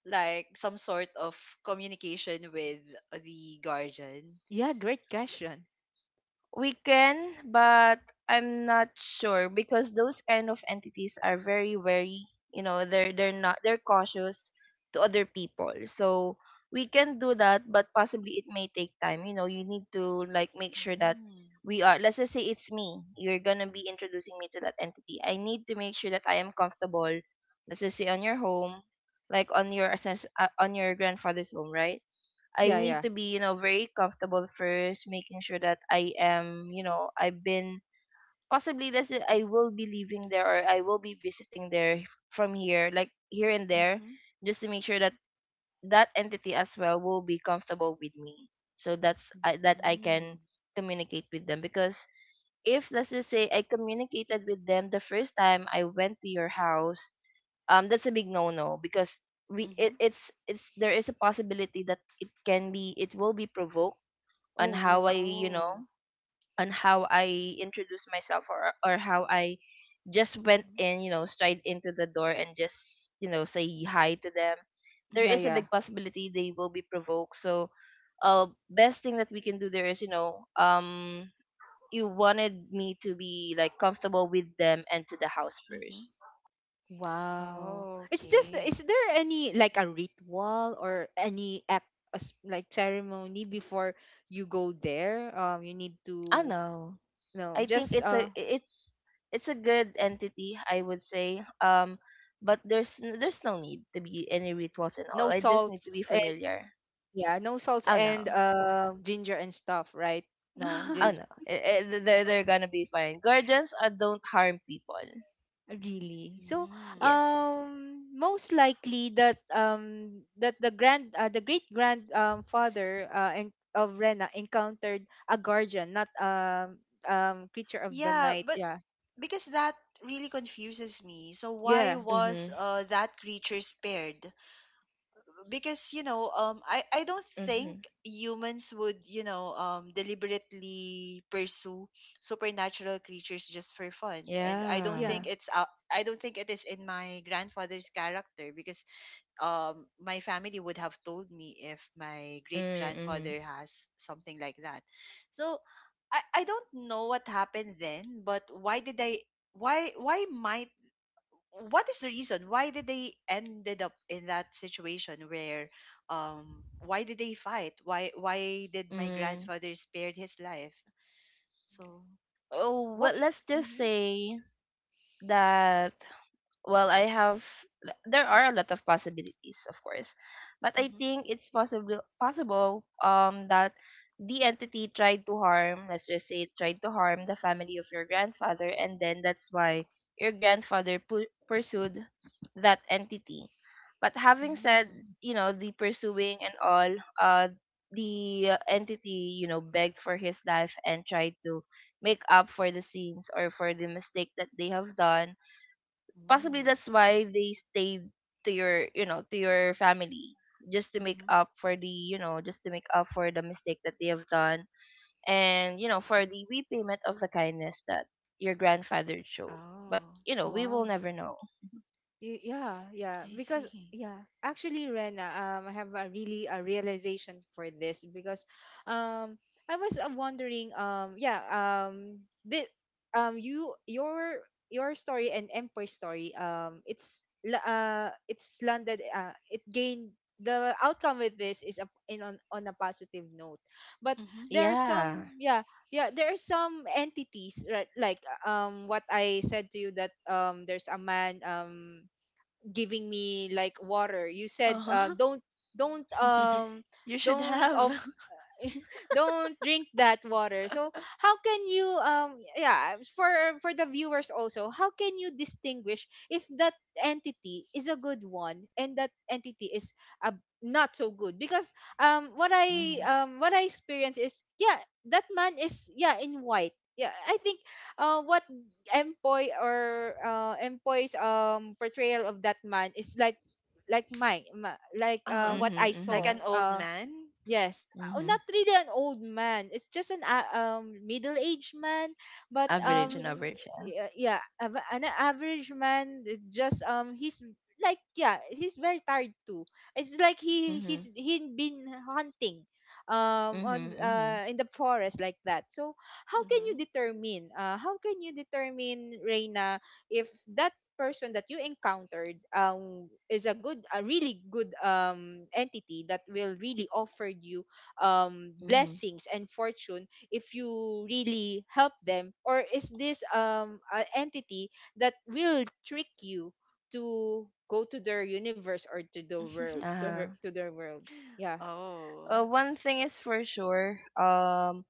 Speaker 2: like some sort of communication with the guardian?
Speaker 1: Yeah, great question.
Speaker 3: We can, but I'm not sure because those kind of entities are very wary. You know, they're not they're cautious to other people. So we can do that, but possibly it may take time. You know, you need to like make sure that
Speaker 2: Mm.
Speaker 3: we are. Let's just say it's me. You're gonna be introducing me to that entity. I need to make sure that I am comfortable. Let's just say on your home, like on your on your grandfather's home, right? I
Speaker 1: Yeah,
Speaker 2: Mm-hmm.
Speaker 3: need
Speaker 1: yeah.
Speaker 3: to be, you know, very comfortable first, making sure that I am, you know, I've been possibly, that's it. I will be leaving there, or I will be visiting there from here, like here and there,
Speaker 2: Mm-hmm.
Speaker 3: just to make sure that that entity as well will be comfortable with me. So that's I, that I can
Speaker 2: Mm.
Speaker 3: communicate with them. Because if let's just say I communicated with them the first time I went to your house, that's a big no no because we
Speaker 2: Mm-hmm.
Speaker 3: it's there is a possibility that it can be, it will be provoked on
Speaker 1: Oh,
Speaker 3: how i
Speaker 1: no.
Speaker 3: you know
Speaker 2: Oh.
Speaker 3: on how I introduce myself, or how I just went
Speaker 2: Mm-hmm.
Speaker 3: in, you know, stride into the door and just, you know, say hi to them. There
Speaker 1: Yeah,
Speaker 3: is
Speaker 2: Mm-hmm.
Speaker 3: a
Speaker 1: yeah.
Speaker 3: big possibility they will be provoked. So best thing that we can do there is, you know, you wanted me to be like comfortable with them and to the house
Speaker 2: Mm-hmm.
Speaker 3: first.
Speaker 1: Wow.
Speaker 2: Oh,
Speaker 1: It's just,
Speaker 2: okay.
Speaker 1: is there any, like, a ritual or any act, like, ceremony before you go there? You need
Speaker 3: I
Speaker 1: to
Speaker 3: know,
Speaker 1: No,
Speaker 3: I think
Speaker 1: just,
Speaker 3: it's a it's a good entity, I would say. But there's there's no need to be any rituals and
Speaker 1: no
Speaker 3: all. I just need to be
Speaker 1: salts, and,
Speaker 3: familiar.
Speaker 1: yeah, no salts
Speaker 3: Oh
Speaker 1: and
Speaker 2: Mm-hmm.
Speaker 3: no,
Speaker 1: ginger and stuff, right? No,
Speaker 3: oh no, They're gonna be fine. Guardians don't harm people.
Speaker 1: really. So,
Speaker 2: Mm.
Speaker 3: Yes.
Speaker 1: most likely that, the great grand, father of Rena encountered a guardian, not, creature of the
Speaker 2: Yeah,
Speaker 1: night.
Speaker 2: but
Speaker 1: Yeah.
Speaker 2: because that really confuses me. So why
Speaker 1: Yeah.
Speaker 2: was
Speaker 3: Mhm.
Speaker 2: that creature spared? Because you know, I don't think
Speaker 3: Mhm.
Speaker 2: humans would, you know, deliberately pursue supernatural creatures just for fun, and I don't
Speaker 3: Yeah.
Speaker 1: Yeah.
Speaker 2: think it's I don't think it is in my grandfather's character, because my family would have told me if my great
Speaker 3: Mm. Mhm.
Speaker 2: grandfather has something like that. So I don't know what happened then, but why did I why might what is the reason why did they ended up in that situation, where why did they fight, why did my
Speaker 3: Mm.
Speaker 2: grandfather spared his life? So
Speaker 3: Oh,
Speaker 2: what
Speaker 3: well, let's just
Speaker 2: mm-hmm,
Speaker 3: say that. Well, I have, there are a lot of possibilities, of course, but I
Speaker 2: mm-hmm,
Speaker 3: think it's possible that the entity tried to harm, let's just say it tried to harm the family of your grandfather, and then that's why your grandfather pursued that entity. But having
Speaker 2: mm-hmm,
Speaker 3: said, you know, the pursuing and all, uh the entity, you know, begged for his life and tried to make up for the sins or for the mistake that they have done. Possibly
Speaker 2: mm-hmm,
Speaker 3: that's why they stayed to your, you know, to your family, just to make
Speaker 2: mm-hmm.
Speaker 3: up for the, just to make up for the mistake that they have done, and you know, for the repayment of the kindness that your grandfather showed. But
Speaker 2: Oh,
Speaker 3: you know, we will
Speaker 1: Wow.
Speaker 3: never know.
Speaker 1: Yeah,
Speaker 2: I
Speaker 1: because
Speaker 2: see.
Speaker 1: yeah actually Rena, I have a really a realization for this because um I was wondering yeah this you your story and Emperor's story, it's it's landed it gained the outcome with this is on a positive note, but
Speaker 2: Mm-hmm.
Speaker 1: there are some
Speaker 3: Yeah.
Speaker 1: yeah. Yeah, there are some entities, right? Like what I said to you that there's a man giving me like water. You said
Speaker 2: Uh-huh.
Speaker 1: don't, don't um
Speaker 2: You should
Speaker 1: don't of
Speaker 2: have
Speaker 1: don't drink that water. So how can you yeah, for the viewers also, how can you distinguish if that entity is a good one and that entity is a not so good? Because
Speaker 3: Hmm.
Speaker 1: what I experience is yeah, that man is yeah in white. Yeah, I think what empoy or empoy's portrayal of that man is like my like
Speaker 2: uh-huh.
Speaker 1: what
Speaker 3: mhm
Speaker 1: I
Speaker 2: Like
Speaker 3: mhm
Speaker 1: saw
Speaker 2: an old man.
Speaker 1: Yes, not
Speaker 3: mhm
Speaker 1: really an old man. It's just an middle-aged man, but
Speaker 2: Mm-hmm,
Speaker 3: Average and average, yeah.
Speaker 1: an average man. It's just he's like yeah, he's very tired too. It's like
Speaker 3: mhm
Speaker 1: he been hunting on
Speaker 3: mhm mhm
Speaker 1: in the forest like that. So how can you
Speaker 2: mm-hmm.
Speaker 1: determine how can you determine, Reina, if that person that you encountered, is a good, a really good, entity that will really offer you,
Speaker 3: mhm.
Speaker 1: blessings and fortune if you really help them? Or is this, an entity that will trick you to go to their universe or to the world, to her,
Speaker 3: Uh-huh.
Speaker 1: to their world? Yeah.
Speaker 2: Oh.
Speaker 3: Well, one thing is for sure,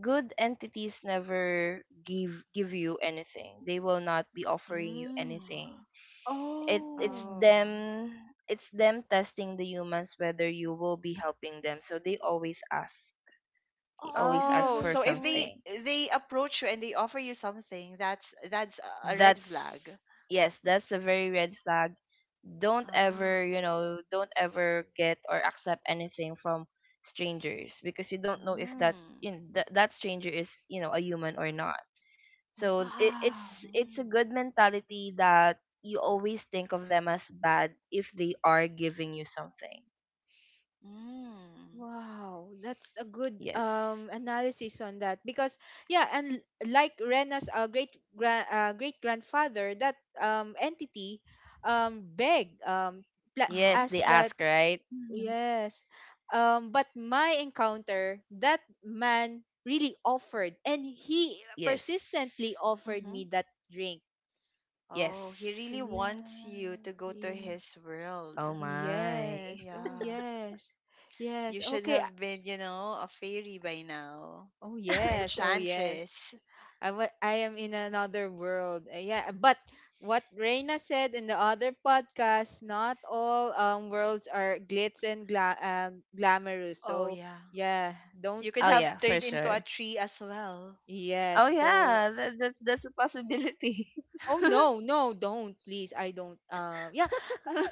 Speaker 3: good entities never give you anything. They will not be offering you
Speaker 2: Mm.
Speaker 3: anything. It it's
Speaker 1: Oh,
Speaker 2: Oh.
Speaker 3: them it's them testing the humans whether you will be helping them. So they always ask. They
Speaker 1: oh,
Speaker 3: always
Speaker 1: they
Speaker 3: ask
Speaker 2: Oh,
Speaker 1: will.
Speaker 3: for
Speaker 2: so if
Speaker 1: Oh,
Speaker 3: something.
Speaker 2: they approach you and they offer you something, that's a red
Speaker 3: That's
Speaker 2: flag.
Speaker 3: yes, that's a very red flag. Don't ever,
Speaker 2: Oh.
Speaker 3: you know, don't ever get or accept anything from strangers, because you don't know if that,
Speaker 2: Mm.
Speaker 3: you know, that that stranger is, you know, a human or not. So it,
Speaker 1: wow.
Speaker 3: it's it's a
Speaker 2: Mm-hmm.
Speaker 3: good mentality that you always think of them as bad if they are giving you something.
Speaker 2: Mm.
Speaker 1: Wow, that's a good
Speaker 3: Yes.
Speaker 1: analysis on that. Because yeah, and like Rena's great grand great grandfather, that entity begged,
Speaker 3: Yes,
Speaker 2: Uh-huh.
Speaker 1: asked
Speaker 3: they
Speaker 1: that,
Speaker 3: ask, right? Mhm.
Speaker 1: yes, but my encounter, that man really offered, and he
Speaker 3: Yes.
Speaker 1: persistently offered
Speaker 2: Mm-hmm.
Speaker 1: me that drink.
Speaker 3: Yes.
Speaker 2: Oh, he really wants you
Speaker 1: Yeah.
Speaker 2: to go to
Speaker 1: Ye-.
Speaker 2: his
Speaker 3: Oh
Speaker 2: world.
Speaker 3: my.
Speaker 1: Yes. Oh
Speaker 2: Yeah.
Speaker 1: yes. Yes.
Speaker 2: You should
Speaker 1: Okay. I-.
Speaker 2: have been, you know, a fairy by now,
Speaker 1: Oh
Speaker 2: an
Speaker 1: yes. Oh yes.
Speaker 2: enchantress.
Speaker 1: I am in another world. Yeah, but what Reina said in the other podcast, not all worlds are glitz and glamorous.
Speaker 2: Oh,
Speaker 1: So
Speaker 2: yeah.
Speaker 1: yeah, don't.
Speaker 2: You
Speaker 3: Oh
Speaker 2: could
Speaker 3: yeah,
Speaker 2: have
Speaker 3: for
Speaker 2: turned into a
Speaker 3: sure.
Speaker 2: tree as well.
Speaker 1: Yes.
Speaker 3: Oh
Speaker 1: So.
Speaker 3: yeah, that's that's a possibility.
Speaker 1: Oh no, no, don't please. I don't. Yeah,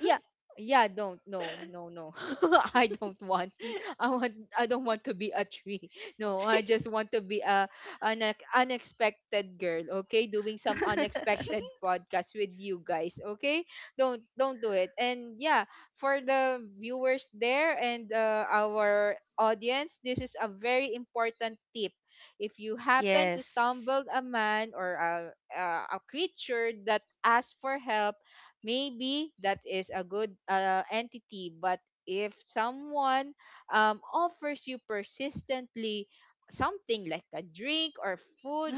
Speaker 1: yeah, yeah. Don't. No, no, no. I don't want. I want. I don't want to be a tree. No, I just want to be a an unexpected girl. Okay, doing some unexpected podcast with you guys. Okay, don't do it. And yeah, for the viewers there and our audience, this is a very important tip. If you happen to stumble
Speaker 3: Yes.
Speaker 1: a man or a creature that asks for help, maybe that is a good, entity. But if someone, offers you persistently something like a drink or food,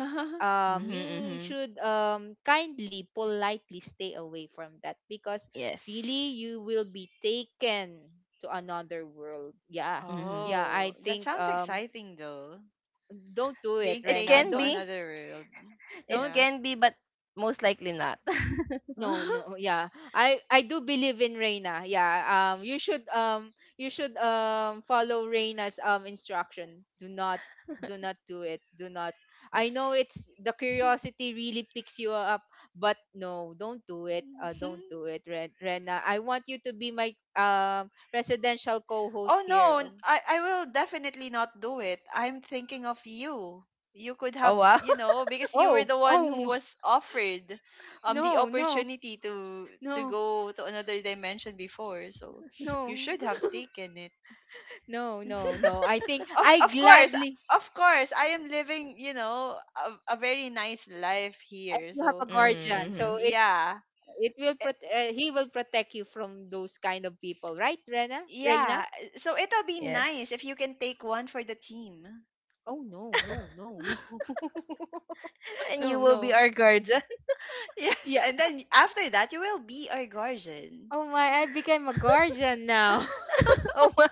Speaker 3: Mhm.
Speaker 1: you
Speaker 3: Mhm.
Speaker 1: should, kindly, politely stay away from that because really,
Speaker 3: Yes.
Speaker 1: you will be taken to another world. Yeah,
Speaker 3: Mhm.
Speaker 1: yeah, I
Speaker 2: Oh, that
Speaker 1: think
Speaker 2: sounds exciting though.
Speaker 1: don't do it,
Speaker 2: Being
Speaker 3: It
Speaker 1: Rena.
Speaker 2: taken
Speaker 3: can
Speaker 2: to
Speaker 1: Don't,
Speaker 3: be.
Speaker 2: another world.
Speaker 3: It
Speaker 1: don't.
Speaker 2: Yeah.
Speaker 3: can be, but most likely not.
Speaker 1: No, no, yeah, I do believe in Rena. Yeah, um you should um you should follow Rena's instruction. Do not, do not do it. Do not. I
Speaker 3: Yes.
Speaker 1: know it's the curiosity really picks you up, but no, don't do it. Don't do it, Rena. I want you to be my residential co-host
Speaker 2: Oh
Speaker 1: here.
Speaker 2: no, I will definitely not do it. I'm thinking of you. You could have,
Speaker 3: Oh wow.
Speaker 2: you know, because you were
Speaker 1: Oh,
Speaker 2: the one
Speaker 1: oh.
Speaker 2: who was offered the
Speaker 1: No, no.
Speaker 2: opportunity to
Speaker 1: No,
Speaker 2: go to another dimension before, so you
Speaker 1: no.
Speaker 2: should have taken it.
Speaker 1: No, no, no. I think
Speaker 2: Of
Speaker 1: I
Speaker 2: of course,
Speaker 1: gladly.
Speaker 2: of course, I am living, you know, a very nice life
Speaker 1: I
Speaker 2: here.
Speaker 1: do have a
Speaker 2: So,
Speaker 1: guardian,
Speaker 3: Mhm.
Speaker 1: so
Speaker 3: Mhm.
Speaker 1: it
Speaker 2: yeah.
Speaker 1: it will
Speaker 2: Eh,
Speaker 1: he will protect you from those kind of people, right, Rena? Reina?
Speaker 2: yeah, so it'll be
Speaker 3: Yes.
Speaker 2: nice if you can take one for the team.
Speaker 1: Oh no, no, no, no,
Speaker 3: And you
Speaker 1: no,
Speaker 3: will be
Speaker 1: no.
Speaker 3: our guardian.
Speaker 2: Yes,
Speaker 1: Yeah.
Speaker 2: and then after that, you will be our guardian.
Speaker 1: Oh my! I became a guardian now.
Speaker 3: Oh wow.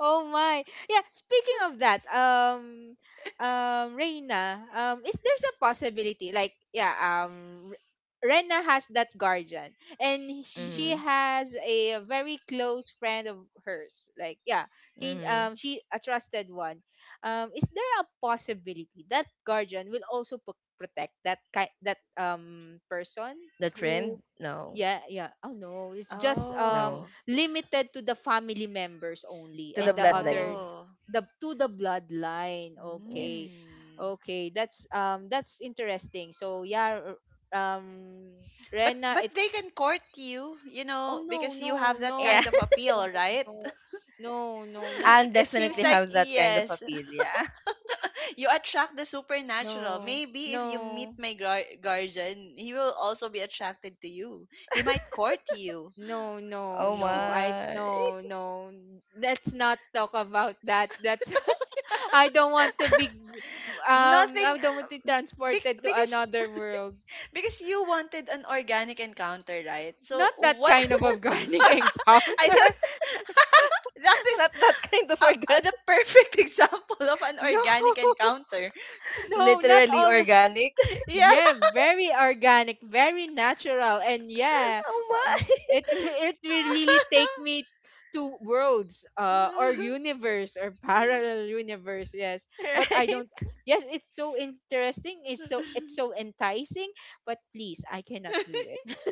Speaker 1: Oh my. Yeah, speaking of that, Reina, is there's a possibility like yeah, Rena has that guardian and
Speaker 2: Mm-hmm.
Speaker 1: she
Speaker 3: Mhm.
Speaker 1: has a very close friend of hers. Like yeah, he
Speaker 3: Mhm.
Speaker 1: she a trusted one. Is there a possibility that guardian will also protect that that person
Speaker 3: The
Speaker 1: who.
Speaker 3: trend? No.
Speaker 1: Yeah, yeah. Oh no, it's just
Speaker 3: No.
Speaker 2: Oh,
Speaker 1: limited to the family members only,
Speaker 3: To the
Speaker 1: and the other
Speaker 3: bloodline.
Speaker 2: oh.
Speaker 1: the to the bloodline.
Speaker 3: Yes.
Speaker 1: Okay.
Speaker 2: Mm.
Speaker 1: Okay, that's interesting. So yeah, um Rena,
Speaker 2: But they
Speaker 1: it's.
Speaker 2: can court you, you
Speaker 1: Oh
Speaker 2: know,
Speaker 1: no,
Speaker 2: because you have
Speaker 1: no, no.
Speaker 2: that kind
Speaker 3: Yeah.
Speaker 2: of appeal,
Speaker 1: No,
Speaker 2: right?
Speaker 1: no. No, no, not
Speaker 3: And
Speaker 2: It seems
Speaker 3: definitely
Speaker 2: like
Speaker 3: have that kind of
Speaker 2: yes,
Speaker 3: appeal. Yeah.
Speaker 2: you attract the supernatural.
Speaker 1: no.
Speaker 2: Maybe if you meet
Speaker 1: No.
Speaker 2: my guardian, he will also be attracted to you. He might court you.
Speaker 1: No, no,
Speaker 3: Oh
Speaker 1: no. I
Speaker 3: my.
Speaker 1: no, no. Let's not talk about that. That's I don't want to be
Speaker 2: Nothing
Speaker 1: I don't want to be
Speaker 2: bec-
Speaker 1: transported to
Speaker 2: because
Speaker 1: another world.
Speaker 2: Because you wanted an organic encounter, right?
Speaker 1: Not
Speaker 2: So
Speaker 1: that
Speaker 2: what?
Speaker 1: kind of
Speaker 2: Oh,
Speaker 1: organic encounter.
Speaker 2: I think that is
Speaker 3: Not that kind of organ.
Speaker 2: the perfect example of an
Speaker 1: No.
Speaker 2: organic encounter.
Speaker 1: No, not
Speaker 3: Literally
Speaker 1: all.
Speaker 3: organic.
Speaker 2: Yeah.
Speaker 1: Yeah, very organic, very natural, and yeah,
Speaker 3: Oh my.
Speaker 1: it it will really take me to worlds, or universe, or parallel universe. Yes, but I
Speaker 3: Right.
Speaker 1: don't. Yes, it's so interesting. It's so enticing. But please, I cannot do it.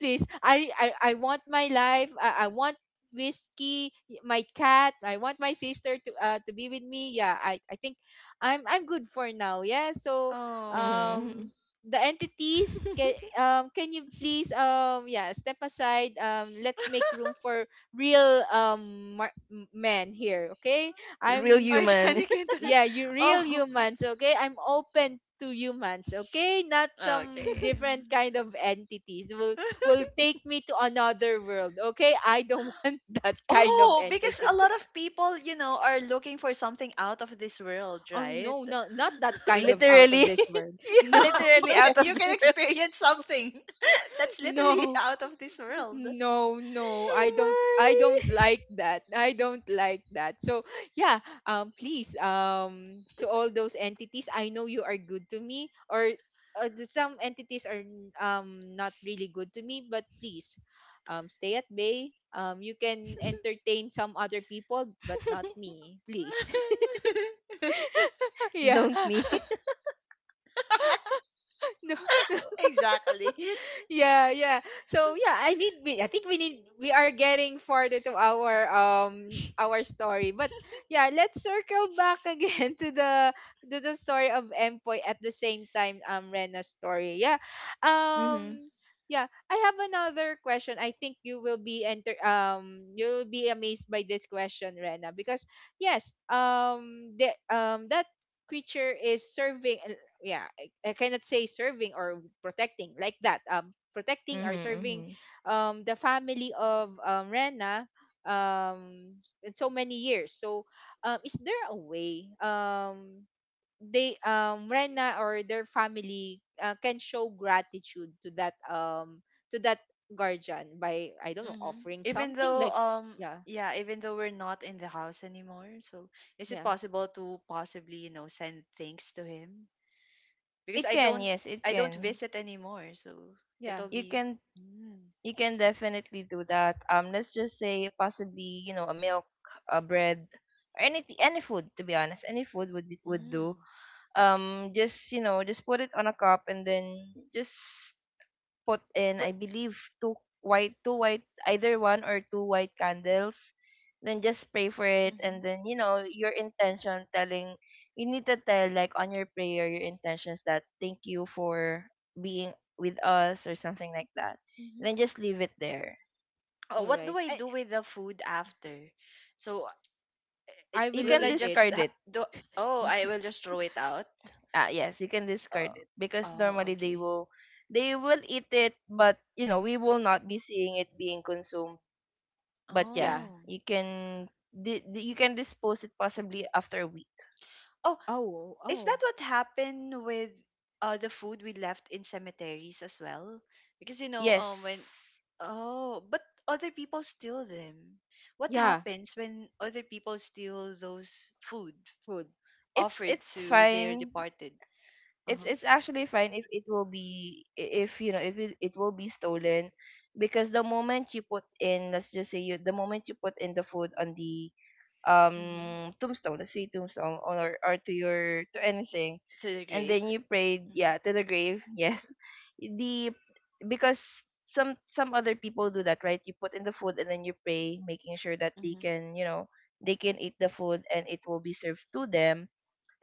Speaker 1: Please, I want my life. I want whiskey, my cat. I want my sister to be with me. Yeah, I think I'm good for now. Yeah, so
Speaker 2: Oh,
Speaker 1: um
Speaker 3: Mhm.
Speaker 1: the entities can you please yeah, step aside. Let's make room for real men here, okay?
Speaker 3: Real
Speaker 1: I'm.
Speaker 3: human.
Speaker 2: organic encounter.
Speaker 1: Yeah, you real
Speaker 2: Oh,
Speaker 1: humans, okay? I'm open to humans, okay? Not some
Speaker 2: okay.
Speaker 1: different kind of entities will take me to another world, okay? I don't want that kind of
Speaker 2: Oh, because a
Speaker 1: entity.
Speaker 2: lot of people, you know, are looking for something out of this world,
Speaker 1: Oh
Speaker 2: right?
Speaker 1: no, no, not that kind of out of
Speaker 3: Literally.
Speaker 1: this world. No,
Speaker 2: Yeah,
Speaker 3: Literally out of
Speaker 2: you can
Speaker 3: this world.
Speaker 2: experience something that's literally
Speaker 1: no.
Speaker 2: out of this world.
Speaker 1: No, no, I
Speaker 3: Oh
Speaker 1: don't
Speaker 3: my.
Speaker 1: like that. I don't like that. So, yeah, please to all those entities, I know you are good to me, or some entities are not really good to me, but please, stay at bay. You can entertain some other people but not me, please. Yeah.
Speaker 3: Don't me.
Speaker 1: No.
Speaker 2: Exactly.
Speaker 1: Yeah, yeah. So yeah, I need we I think we need we are getting farther to our story. But yeah, let's circle back again to the story of Empoy, at the same time Rena's story. Yeah.
Speaker 3: Mhm.
Speaker 1: Um yeah, I have another question. I think you will be enter you'll be amazed by this question, Rena, because yes, the that creature is serving. Yeah, I cannot say serving or protecting like that, protecting or
Speaker 3: Mhm.
Speaker 1: serving
Speaker 3: Mhm.
Speaker 1: the family of, Rena, um in so many years. So is there a way they Rena or their family, can show gratitude to that guardian? By I don't know
Speaker 2: Hmm.
Speaker 1: offering
Speaker 2: Even
Speaker 1: something
Speaker 2: though
Speaker 1: like, yeah,
Speaker 2: yeah, even though we're not in the house anymore, so is it
Speaker 1: yeah,
Speaker 2: possible to possibly, you know, send things to him? Because
Speaker 3: It can, yes, it
Speaker 2: I don't
Speaker 3: can.
Speaker 2: visit anymore, so
Speaker 1: yeah,
Speaker 2: it'll
Speaker 3: You
Speaker 2: be
Speaker 3: can,
Speaker 2: mm,
Speaker 3: you can definitely do that. Let's just say possibly, you know, a milk, a bread, or any food, to be honest. Any food would be, would do.
Speaker 2: mm,
Speaker 3: Just, you know, just put it on a cup and then just put in, I
Speaker 1: but
Speaker 3: believe, two white, either one or two white candles. Then just pray for it,
Speaker 2: mm-hmm,
Speaker 3: and then you know your intention. Telling, you need to tell, like on your prayer, your intentions, that thank you for being with us or something like that.
Speaker 2: mm-hmm.
Speaker 3: Then just leave it there.
Speaker 1: all
Speaker 2: Oh, what
Speaker 1: right,
Speaker 2: do I do with the food after? So eh,
Speaker 1: I will
Speaker 3: You
Speaker 2: will
Speaker 3: can
Speaker 1: eat
Speaker 2: I
Speaker 1: it.
Speaker 2: just
Speaker 3: discard it.
Speaker 2: do? Oh,
Speaker 3: You
Speaker 2: I will just throw it out.
Speaker 3: ah yes, you can
Speaker 2: Uh,
Speaker 3: discard it because
Speaker 2: oh,
Speaker 3: normally they
Speaker 2: okay.
Speaker 3: will, they will eat it, but you know we will not be seeing it being consumed. But
Speaker 1: Yeah.
Speaker 3: yeah,
Speaker 2: Oh,
Speaker 3: you can you can dispose it possibly after a week.
Speaker 2: oh,
Speaker 1: Oh,
Speaker 2: is
Speaker 1: oh.
Speaker 2: that what happened with the food we left in cemeteries as well? Because you know,
Speaker 3: Yes.
Speaker 2: when oh, but other people steal them. What
Speaker 1: Yeah,
Speaker 2: happens when other people steal those food
Speaker 1: food.
Speaker 2: offered
Speaker 3: It's
Speaker 2: to their
Speaker 3: fine.
Speaker 2: departed? Uh
Speaker 3: It's
Speaker 2: huh.
Speaker 3: it's actually fine if it will be if you know if it, it will be stolen, because the moment you put in, let's just say, you, the moment you put in the food on the
Speaker 2: Mm-hmm.
Speaker 3: tombstone, let's say tombstone, or to your to anything,
Speaker 2: To the
Speaker 3: and
Speaker 2: grave.
Speaker 3: then you prayed,
Speaker 2: Mm-hmm.
Speaker 3: yeah, to the grave. Yes, the, because some other people do that, right? You put in the food and then you pray, making sure that they
Speaker 2: Mm-hmm.
Speaker 3: can, you know, they can eat the food and it will be served to them.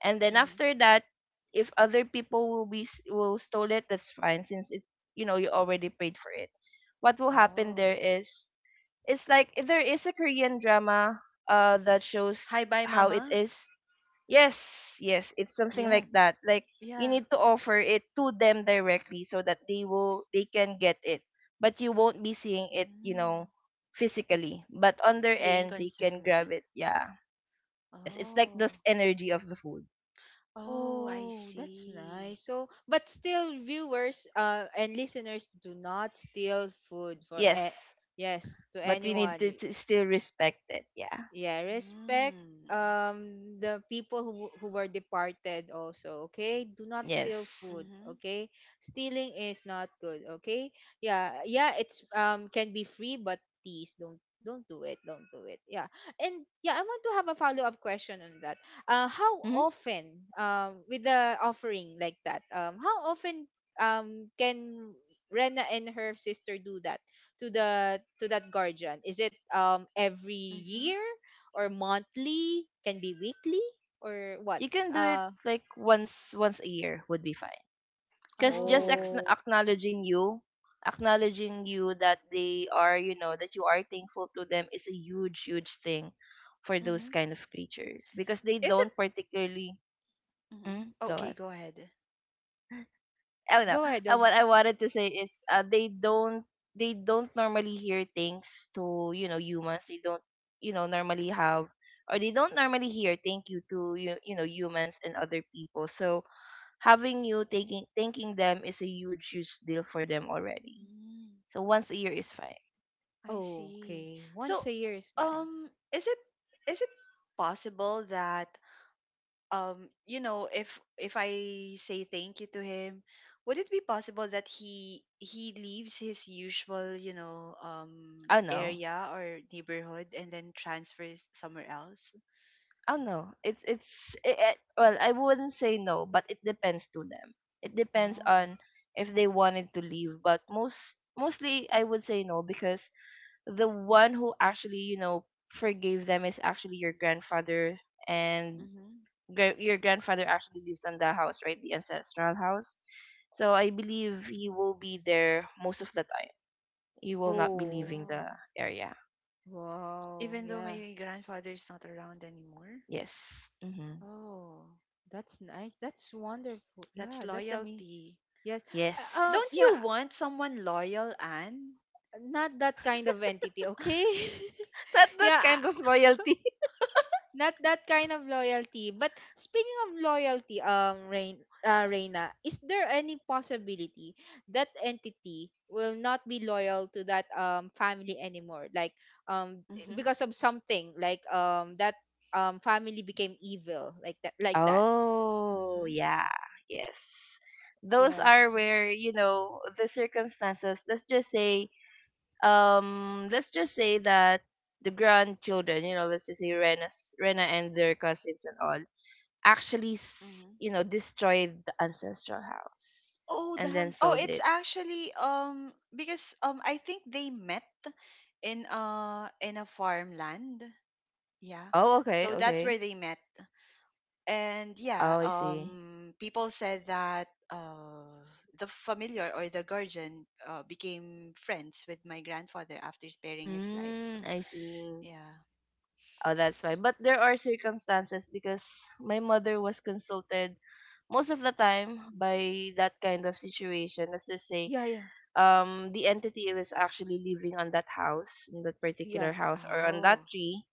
Speaker 3: And then
Speaker 2: Mm-hmm.
Speaker 3: after that, if other people will be will stole it, that's fine, since it, you know, you already prayed for it. What will happen
Speaker 2: Oh.
Speaker 3: there is it's like there is a Korean drama that
Speaker 2: Hi,
Speaker 3: shows
Speaker 2: bye,
Speaker 3: how
Speaker 2: mama.
Speaker 3: it is. Yes, yes, it's something
Speaker 1: Yeah.
Speaker 3: like that. Like you
Speaker 2: Yeah.
Speaker 3: need to offer it to them directly so that they will, they can get it. But you won't be seeing it, you
Speaker 2: Mm,
Speaker 3: know, physically. But on their
Speaker 2: being
Speaker 3: end, they can
Speaker 2: consumed.
Speaker 3: grab it. Yeah. Yes, it's like
Speaker 2: Oh,
Speaker 3: this energy of the food.
Speaker 2: oh, I
Speaker 1: Oh, that's
Speaker 2: see.
Speaker 1: nice. So, but still, viewers and listeners, do not steal food for
Speaker 3: Yes,
Speaker 1: yes, to
Speaker 3: but we need
Speaker 1: anyone.
Speaker 3: to still respect it. Yeah.
Speaker 1: Yeah, respect
Speaker 2: Mm,
Speaker 1: the people who were departed also, okay? Do not steal
Speaker 3: Yes.
Speaker 1: food,
Speaker 2: mhm,
Speaker 1: okay? Stealing is not good, okay? Yeah, yeah, it's can be free but please don't do it, don't do it. Yeah. And yeah, I want to have a follow-up question on that. Uh, how
Speaker 3: Hmm.
Speaker 1: often with the offering like that, um, how often can Rena and her sister do that to the to that guardian? Is it every
Speaker 2: mhm.
Speaker 1: year? Or monthly? Can be weekly or what?
Speaker 3: You can do it
Speaker 1: Uh,
Speaker 3: like once a year would be fine. Because just
Speaker 2: Oh,
Speaker 1: oh,
Speaker 3: acknowledging you, acknowledging you that they are, you know, that you are thankful to them, is a huge huge thing for those
Speaker 2: mhm.
Speaker 3: kind of creatures, because they
Speaker 2: Is it?
Speaker 3: don't particularly,
Speaker 2: Mhm.
Speaker 3: go
Speaker 2: Okay,
Speaker 3: on.
Speaker 2: go ahead.
Speaker 3: Oh no,
Speaker 1: go ahead. Oh,
Speaker 3: what I wanted to say is, they don't, they don't normally hear things to, you know, humans. They don't, you know, normally have, or they don't normally hear thank you to you, you know, humans and other people. So having you taking thanking them is a huge huge deal for them already.
Speaker 2: Mm,
Speaker 3: So once a year is fine.
Speaker 2: I
Speaker 1: oh,
Speaker 2: see.
Speaker 1: okay. Once
Speaker 2: So,
Speaker 1: a year is fine.
Speaker 2: um, is it is it possible that you know, if if I say thank you to him, would it be possible that he leaves his usual, you know,
Speaker 3: Oh no.
Speaker 2: area or neighborhood and then transfers somewhere else?
Speaker 3: Oh no. It's it, it, well, I wouldn't say no, but it depends to them. It depends
Speaker 2: Oh.
Speaker 3: on if they wanted to leave, but most, mostly I would say no, because the one who actually, you know, forgave them is actually your grandfather, and
Speaker 2: Mm-hmm.
Speaker 3: your grandfather actually lives on the house, right? The ancestral house. So I believe he will be there most of the time. He will not be
Speaker 1: Oh,
Speaker 3: leaving
Speaker 2: Oh,
Speaker 3: the area.
Speaker 1: wow.
Speaker 2: even though
Speaker 1: Yeah,
Speaker 2: my grandfather is not around anymore.
Speaker 3: Yes. Mm-hmm.
Speaker 2: Oh,
Speaker 1: that's nice. That's wonderful.
Speaker 2: that's
Speaker 1: Yeah, that's amazing.
Speaker 2: loyalty.
Speaker 1: Yes.
Speaker 3: Yes.
Speaker 2: Don't
Speaker 1: Yeah,
Speaker 2: you want someone loyal, Anne?
Speaker 1: not that kind of entity, okay?
Speaker 3: Not that
Speaker 1: Yeah,
Speaker 3: kind of loyalty.
Speaker 1: not that kind of loyalty. But speaking of loyalty, Reina, is there any possibility that entity will not be loyal to that family anymore? Like um
Speaker 2: Mm-hmm.
Speaker 1: because of something like that family became evil like that, like that.
Speaker 3: Oh,
Speaker 2: Mm-hmm.
Speaker 3: yeah. Yes. Those
Speaker 1: Yeah.
Speaker 3: are where, you know, the circumstances, let's just say that the grandchildren, you know, let's just say Rena's, Rena and their cousins and all, actually,
Speaker 2: Mm-hmm.
Speaker 3: you know, destroyed the ancestral house
Speaker 1: Oh, the
Speaker 3: and then
Speaker 1: hand.
Speaker 2: Oh,
Speaker 3: sold
Speaker 2: it's
Speaker 3: it.
Speaker 2: actually because I think they met in a farmland. Yeah.
Speaker 3: Oh, okay,
Speaker 2: So that's
Speaker 3: okay.
Speaker 2: where they met. And yeah,
Speaker 3: Oh, I see.
Speaker 2: people said that the familiar or the guardian became friends with my grandfather after sparing his life. So
Speaker 3: Mm, I see.
Speaker 2: yeah.
Speaker 3: Oh,
Speaker 1: S-.
Speaker 3: that's fine. But there are circumstances, because my mother was consulted most of the time by that kind of situation. Let's just say,
Speaker 1: Yeah, yeah,
Speaker 3: the entity was actually living on that house, in that particular
Speaker 1: yeah.
Speaker 3: house, or on that
Speaker 2: Oh.
Speaker 3: tree,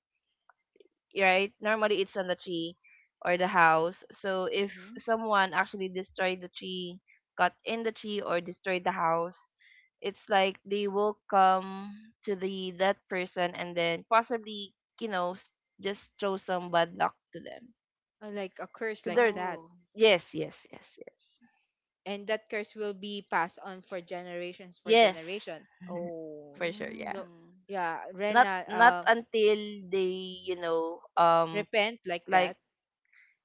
Speaker 3: right? Normally it's on the tree or the house. So if
Speaker 2: Mm-hmm.
Speaker 3: someone actually destroyed the tree, got in the tree or destroyed the house, it's like they will come to the that person and then possibly, you know, just throw some bad luck to them.
Speaker 1: Like a curse
Speaker 3: So
Speaker 1: like
Speaker 3: they're,
Speaker 1: that.
Speaker 2: Oh.
Speaker 3: yes, yes, yes, yes.
Speaker 1: And that curse will be passed on for generations, for
Speaker 3: Yes.
Speaker 1: generations. Oh
Speaker 3: For sure, yeah.
Speaker 1: no.
Speaker 2: Mm.
Speaker 1: Yeah,
Speaker 3: Not
Speaker 1: Rena,
Speaker 3: not until they, you know, um,
Speaker 1: repent like that.
Speaker 3: like,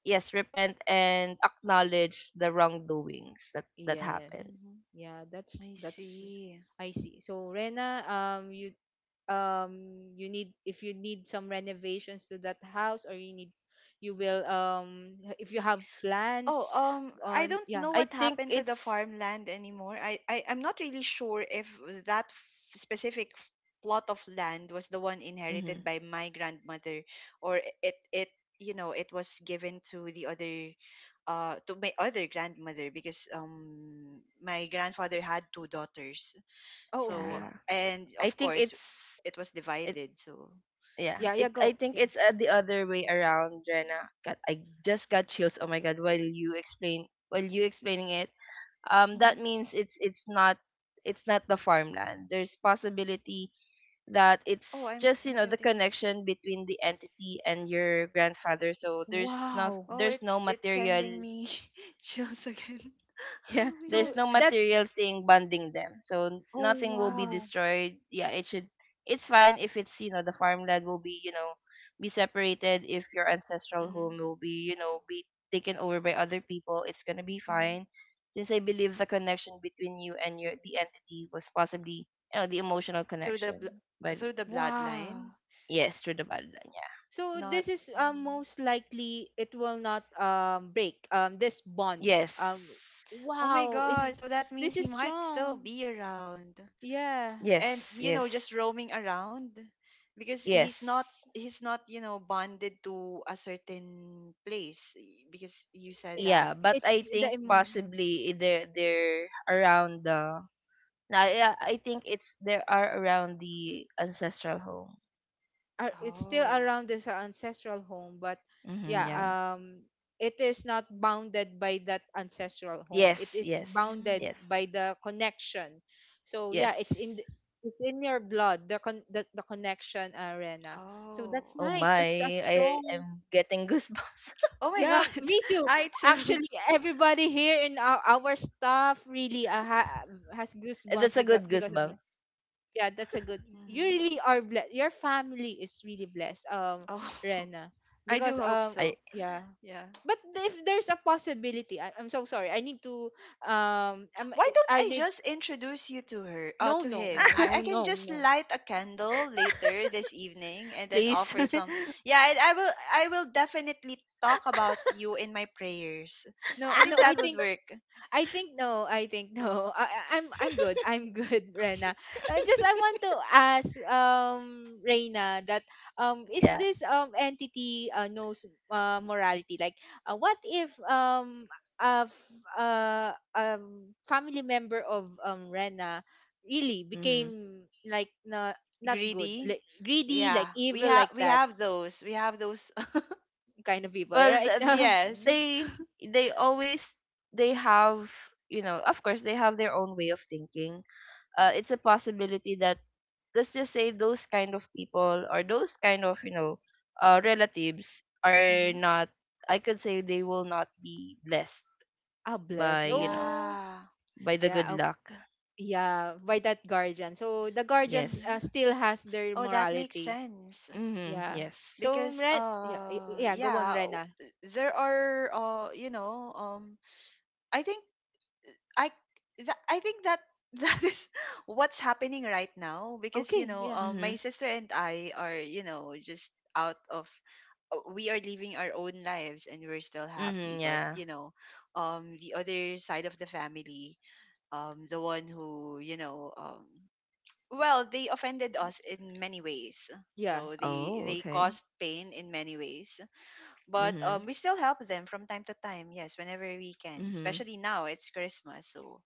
Speaker 3: yes, repent and acknowledge the wrongdoings that that
Speaker 1: Yes.
Speaker 3: happened.
Speaker 2: Mm-hmm.
Speaker 1: Yeah, that's
Speaker 2: I
Speaker 1: that's.
Speaker 2: see.
Speaker 1: I see. So, Rena, you you need if you need some renovations to that house, or you need you will if you have
Speaker 2: Oh,
Speaker 1: plans
Speaker 2: I
Speaker 1: on.
Speaker 2: don't
Speaker 1: Yeah.
Speaker 2: know
Speaker 3: I
Speaker 2: what
Speaker 3: think
Speaker 2: happened to the
Speaker 3: it's
Speaker 2: farmland anymore. I'm not really sure if that f- specific f- plot of land was the one
Speaker 3: mhm,
Speaker 2: inherited by my grandmother or it you know it was given to the other to my other grandmother because my grandfather had two daughters.
Speaker 1: Oh,
Speaker 2: So
Speaker 1: okay.
Speaker 3: Yeah,
Speaker 2: and
Speaker 3: I
Speaker 2: of
Speaker 3: think
Speaker 2: course
Speaker 3: it's
Speaker 2: it was
Speaker 3: it
Speaker 2: divided. So
Speaker 3: yeah,
Speaker 1: Yeah, yeah,
Speaker 3: it I
Speaker 1: go,
Speaker 3: think
Speaker 1: yeah.
Speaker 3: it's the other way around. Jenna, god, I just got chills, oh my god, while you explain, while you explaining it, um, that
Speaker 2: mhm.
Speaker 3: means it's not, it's not the farmland. There's possibility that
Speaker 2: Oh,
Speaker 3: it's just, you
Speaker 2: I'm
Speaker 3: know, the
Speaker 2: getting.
Speaker 3: connection between the entity and your grandfather, so there's not,
Speaker 1: Wow.
Speaker 2: Oh,
Speaker 3: there's no
Speaker 2: it's
Speaker 3: material.
Speaker 2: sending me chills again.
Speaker 3: Yeah,
Speaker 2: Oh my
Speaker 1: So
Speaker 3: there's
Speaker 2: god.
Speaker 3: no
Speaker 1: that's.
Speaker 3: material thing bonding them. So
Speaker 1: Oh
Speaker 3: nothing will
Speaker 2: Uh
Speaker 3: be
Speaker 2: huh.
Speaker 1: wow.
Speaker 3: destroyed. Yeah, it should, it's fine if it's, you know, the farmland will be, you know, be separated, if your ancestral
Speaker 2: Mm-hmm.
Speaker 3: home will be, you know, be taken over by other people. It's going to be
Speaker 2: Mm-hmm.
Speaker 3: fine. Since I believe the connection between you and your, the entity, was possibly, you know, the emotional
Speaker 2: Through the bl-
Speaker 3: connection. But
Speaker 2: through the
Speaker 1: Wow.
Speaker 2: bloodline,
Speaker 3: yes, through the bloodline. Yeah.
Speaker 1: So
Speaker 2: not.
Speaker 1: this is,
Speaker 2: Mhm.
Speaker 1: most likely it will not, break, this bond.
Speaker 3: Yes.
Speaker 1: Um,
Speaker 2: Oh my
Speaker 1: wow,
Speaker 2: god! So that
Speaker 1: this
Speaker 2: means
Speaker 1: is
Speaker 2: he might still
Speaker 1: strong.
Speaker 2: be around,
Speaker 1: Yeah,
Speaker 2: and
Speaker 3: Yes,
Speaker 2: you know,
Speaker 3: yes.
Speaker 2: just roaming around, because
Speaker 3: Yes.
Speaker 2: he's not you know bonded to a certain place because you said
Speaker 1: it,
Speaker 2: that.
Speaker 3: Yeah, but
Speaker 1: it's
Speaker 3: I
Speaker 1: the
Speaker 3: think
Speaker 2: Mm-hmm.
Speaker 1: emotion.
Speaker 3: possibly they're around the. Nah, yeah, I think it's, there are around the ancestral home.
Speaker 1: It's still
Speaker 2: Oh.
Speaker 1: around this, ancestral home, but
Speaker 3: Hmm.
Speaker 1: yeah,
Speaker 2: Mm-hmm.
Speaker 3: Yeah.
Speaker 1: it is not bounded by that ancestral home. It
Speaker 3: Yes.
Speaker 1: is
Speaker 3: Yes.
Speaker 1: bounded
Speaker 2: Mm.
Speaker 3: Yes.
Speaker 1: by the connection. So yeah, it's in the,
Speaker 3: Yes.
Speaker 1: it's in your blood. The the connection, arena. So that's
Speaker 2: Oh.
Speaker 3: Oh
Speaker 1: nice.
Speaker 3: my!
Speaker 1: That's a
Speaker 3: I
Speaker 1: strong.
Speaker 3: am getting goosebumps.
Speaker 2: Oh my
Speaker 1: Yeah,
Speaker 2: god!
Speaker 1: me too.
Speaker 2: I too.
Speaker 1: Actually, everybody here in our staff really has goosebumps
Speaker 3: That's a good
Speaker 1: because of that.
Speaker 3: goosebumps.
Speaker 1: Yeah, that's a good. You
Speaker 2: Mm-hmm.
Speaker 1: really are blessed. Your family is really blessed,
Speaker 2: Oh,
Speaker 1: Rena,
Speaker 2: I do
Speaker 1: because
Speaker 2: hope
Speaker 3: I,
Speaker 2: so.
Speaker 1: yeah.
Speaker 2: Yeah.
Speaker 1: But if there's a possibility, I'm so sorry. I need to I'm,
Speaker 2: Why don't
Speaker 1: I
Speaker 2: I
Speaker 1: need
Speaker 2: just introduce you to her,
Speaker 1: no,
Speaker 2: to
Speaker 1: no,
Speaker 2: him?
Speaker 1: no,
Speaker 2: I
Speaker 1: no,
Speaker 2: can
Speaker 1: no,
Speaker 2: just
Speaker 1: no,
Speaker 2: light a candle later this evening and then
Speaker 3: please.
Speaker 2: offer
Speaker 1: no,
Speaker 2: some. Yeah, I will I will definitely talk about you in my prayers.
Speaker 1: no,
Speaker 2: I
Speaker 1: no.
Speaker 2: think that would work.
Speaker 1: I think no. I think no. I'm I'm good. I'm good, Rena. Just I want to ask Reina that is
Speaker 3: Yeah.
Speaker 1: this entity knows morality? Like, what if a family member of Rena really
Speaker 3: Hmm.
Speaker 1: became like not not good,
Speaker 2: Greedy.
Speaker 1: like greedy,
Speaker 2: Yeah,
Speaker 1: like evil, like
Speaker 2: we
Speaker 1: that
Speaker 2: have those. We have those.
Speaker 1: kind of people,
Speaker 3: Well,
Speaker 1: right?
Speaker 3: the,
Speaker 1: Ah,
Speaker 2: Yes.
Speaker 3: they they always, they have, you know, of course they have their own way of thinking. Uh, it's a possibility that, let's just say those kind of people, or those kind of, you know, relatives, are
Speaker 2: Hmm.
Speaker 3: not, I could say they will not be blessed
Speaker 1: bless.
Speaker 3: by, you know,
Speaker 1: Oh,
Speaker 2: Yeah.
Speaker 3: by the good
Speaker 1: yeah.
Speaker 3: luck,
Speaker 1: Yeah, by that guardian. So the guardians
Speaker 2: Hmm.
Speaker 3: yes.
Speaker 1: still has their
Speaker 2: Oh, that makes
Speaker 1: morality.
Speaker 2: sense.
Speaker 3: Mm-hmm.
Speaker 1: Yeah,
Speaker 3: Yes.
Speaker 1: so
Speaker 2: Because
Speaker 1: Ren, yeah y- yeah go on,
Speaker 2: yeah
Speaker 1: Rena.
Speaker 2: there are you know I think I I think that that is what's happening right now because you
Speaker 1: Okay,
Speaker 2: know
Speaker 1: yeah,
Speaker 2: my
Speaker 3: Mm-hmm.
Speaker 2: sister and I are you know just out of we are living our own lives and we're still happy
Speaker 3: Mm-hmm.
Speaker 2: but
Speaker 3: Yeah.
Speaker 2: you know the other side of the family the one who you know well they offended us in many ways
Speaker 1: yeah.
Speaker 2: so they
Speaker 3: Oh,
Speaker 2: they
Speaker 3: okay.
Speaker 2: caused pain in many ways but
Speaker 3: Mm-hmm.
Speaker 2: we still help them from time to time yes whenever we can,
Speaker 3: Mm-hmm.
Speaker 2: especially now it's Christmas, so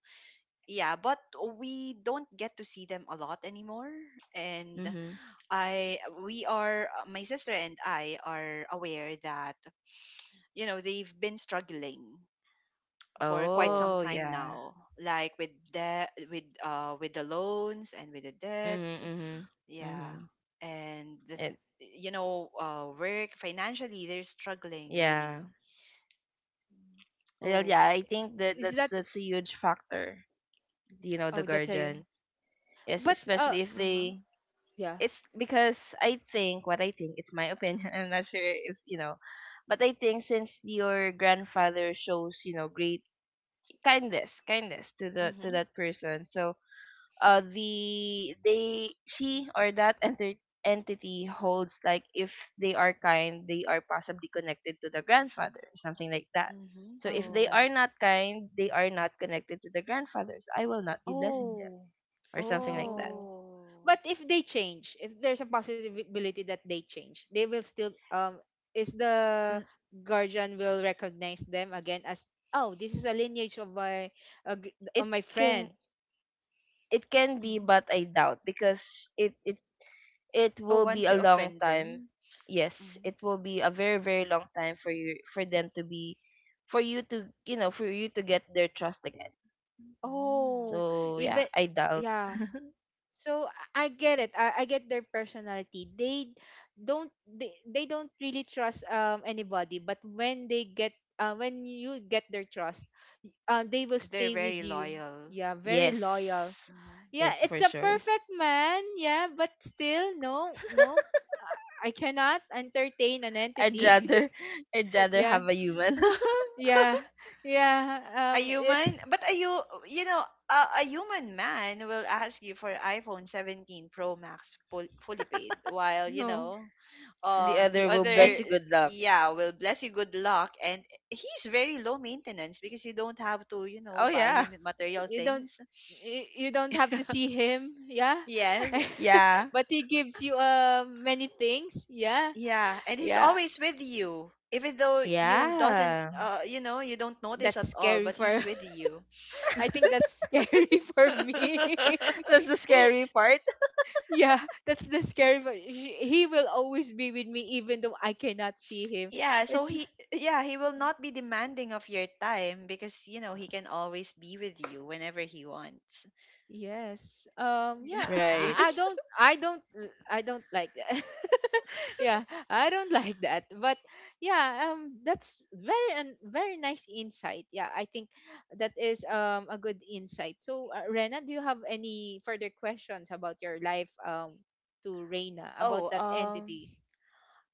Speaker 2: yeah but we don't get to see them a lot anymore and
Speaker 3: Mm-hmm.
Speaker 2: I we are my sister and I are aware that you know they've been struggling for quite
Speaker 1: Oh,
Speaker 2: some
Speaker 3: Oh
Speaker 2: time
Speaker 3: yeah.
Speaker 2: now, like with debt with the loans and with the debts.
Speaker 3: Mm-hmm. Mm-hmm.
Speaker 2: Yeah.
Speaker 3: Mm-hmm.
Speaker 2: And the,
Speaker 3: It,
Speaker 2: you know work financially they're struggling really.
Speaker 3: yeah, well,
Speaker 1: oh,
Speaker 3: yeah, I think that
Speaker 1: is that—
Speaker 3: that's a huge factor, you know, the
Speaker 1: Oh, that's a—
Speaker 3: guardian. Yes,
Speaker 1: But
Speaker 3: especially if
Speaker 2: Mhm.
Speaker 3: they,
Speaker 1: yeah.
Speaker 3: it's because I think what I think, it's my opinion. I'm not sure if you know, but I think since your grandfather shows, you know, great kindness, kindness to the to
Speaker 2: Mhm,
Speaker 3: that person. So the they, she, or that enter entity holds, like, if they are kind, they are possibly connected to the grandfather, something like that.
Speaker 2: mhm,
Speaker 3: So if they
Speaker 1: Oh,
Speaker 3: are not kind, they are not connected to the grandfather. So I will not be blessing
Speaker 2: mhm.
Speaker 3: them
Speaker 1: oh,
Speaker 3: or something like
Speaker 1: oh.
Speaker 2: Oh.
Speaker 1: But if they change, if there's a possibility that they change, they will still is the
Speaker 3: that.
Speaker 1: guardian will recognize them again as, oh, this is a lineage of my, uh, of
Speaker 3: It
Speaker 1: my
Speaker 3: can,
Speaker 1: friend.
Speaker 3: it can be,
Speaker 2: Mhm.
Speaker 3: but I doubt, because it it
Speaker 2: Oh,
Speaker 3: will be
Speaker 2: once
Speaker 3: a
Speaker 2: you
Speaker 3: long
Speaker 2: offend
Speaker 3: time.
Speaker 2: them,
Speaker 3: Yes,
Speaker 2: mhm,
Speaker 3: it will be a very very long time for you, for them to be, for you to, you know, for you to get their trust again.
Speaker 2: mm,
Speaker 1: Oh,
Speaker 3: So yeah,
Speaker 1: even,
Speaker 3: I doubt.
Speaker 1: yeah. So I get it. I get their personality. They don't, they don't really trust anybody, but when they get when you get their trust, they will
Speaker 2: they're
Speaker 1: stay with
Speaker 2: very
Speaker 1: you.
Speaker 2: loyal.
Speaker 1: Yeah, very loyal.
Speaker 3: Yes,
Speaker 2: Mhm,
Speaker 1: Yeah,
Speaker 3: yes,
Speaker 1: it's
Speaker 3: for
Speaker 1: a
Speaker 3: sure.
Speaker 1: perfect man. Yeah, but still no, no. I cannot entertain an
Speaker 3: I'd
Speaker 1: entity.
Speaker 3: rather I'd
Speaker 2: mhm.
Speaker 3: rather
Speaker 1: Yeah.
Speaker 3: have a human.
Speaker 1: Yeah. Yeah.
Speaker 2: A human,
Speaker 1: It's
Speaker 2: but a you know, a human man will ask you for iPhone 17 Pro Max full, fully paid, while you
Speaker 1: no.
Speaker 2: know,
Speaker 3: The
Speaker 2: the
Speaker 3: other will
Speaker 2: other,
Speaker 3: bless
Speaker 1: And
Speaker 3: you good luck.
Speaker 2: yeah, will bless you good luck, and he's very low maintenance because you don't have to, you know,
Speaker 3: Oh
Speaker 2: buy
Speaker 3: yeah,
Speaker 2: him material
Speaker 1: you don't,
Speaker 2: things.
Speaker 1: you don't have to see him, yeah.
Speaker 2: Yes.
Speaker 3: yeah,
Speaker 1: But he gives you many things, yeah.
Speaker 2: Yeah, and he's
Speaker 1: Yeah,
Speaker 2: always with you, even though you doesn't,
Speaker 3: yeah.
Speaker 2: you know, you don't notice
Speaker 1: that's
Speaker 2: at all,
Speaker 1: scary
Speaker 2: but
Speaker 1: for—
Speaker 2: he's with you.
Speaker 1: I think that's scary for me.
Speaker 3: That's the scary part.
Speaker 1: Yeah, that's the scary part. He will always be with me even though I cannot see him.
Speaker 2: Yeah, so
Speaker 1: It's—
Speaker 2: he, yeah, he will not be demanding of your time because you know he can always be with you whenever he wants.
Speaker 1: Yes. Yeah,
Speaker 3: Right.
Speaker 2: Yes.
Speaker 1: I don't like that. Yeah, I don't like that. But yeah, that's very and very nice insight. Yeah, I think that is a good insight. So, Rena, do you have any further questions about your life to Reina about
Speaker 2: Oh,
Speaker 1: that entity?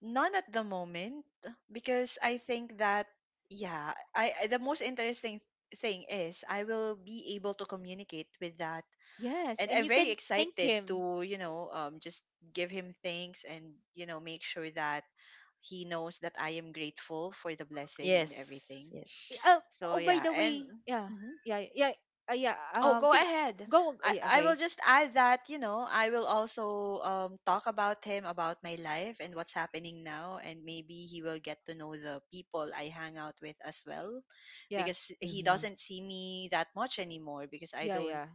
Speaker 2: none at the moment because I think that yeah, I the most interesting thing is I will be able to communicate with that,
Speaker 1: Yes,
Speaker 2: and
Speaker 1: and
Speaker 2: I'm
Speaker 1: you
Speaker 2: very
Speaker 1: can thank
Speaker 2: excited
Speaker 1: him.
Speaker 2: to, you know, just give him thanks and, you know, make sure that he knows that I am grateful for the blessing
Speaker 3: Yes.
Speaker 2: and everything.
Speaker 3: Yes.
Speaker 1: Oh,
Speaker 2: So,
Speaker 1: oh, by
Speaker 2: yeah.
Speaker 1: the
Speaker 2: And,
Speaker 1: way, yeah.
Speaker 2: mhm.
Speaker 1: Yeah, yeah. Yeah,
Speaker 2: Oh, go
Speaker 1: see,
Speaker 2: ahead.
Speaker 1: go, oh,
Speaker 2: I,
Speaker 1: yeah,
Speaker 2: I will
Speaker 1: okay.
Speaker 2: just add that, you know, I will also talk about him, about my life and what's happening now. And maybe he will get to know the people I hang out with as well
Speaker 1: Yeah.
Speaker 2: because he
Speaker 3: Mm-hmm.
Speaker 2: doesn't see me that much anymore because I
Speaker 1: Yeah,
Speaker 2: don't,
Speaker 1: yeah.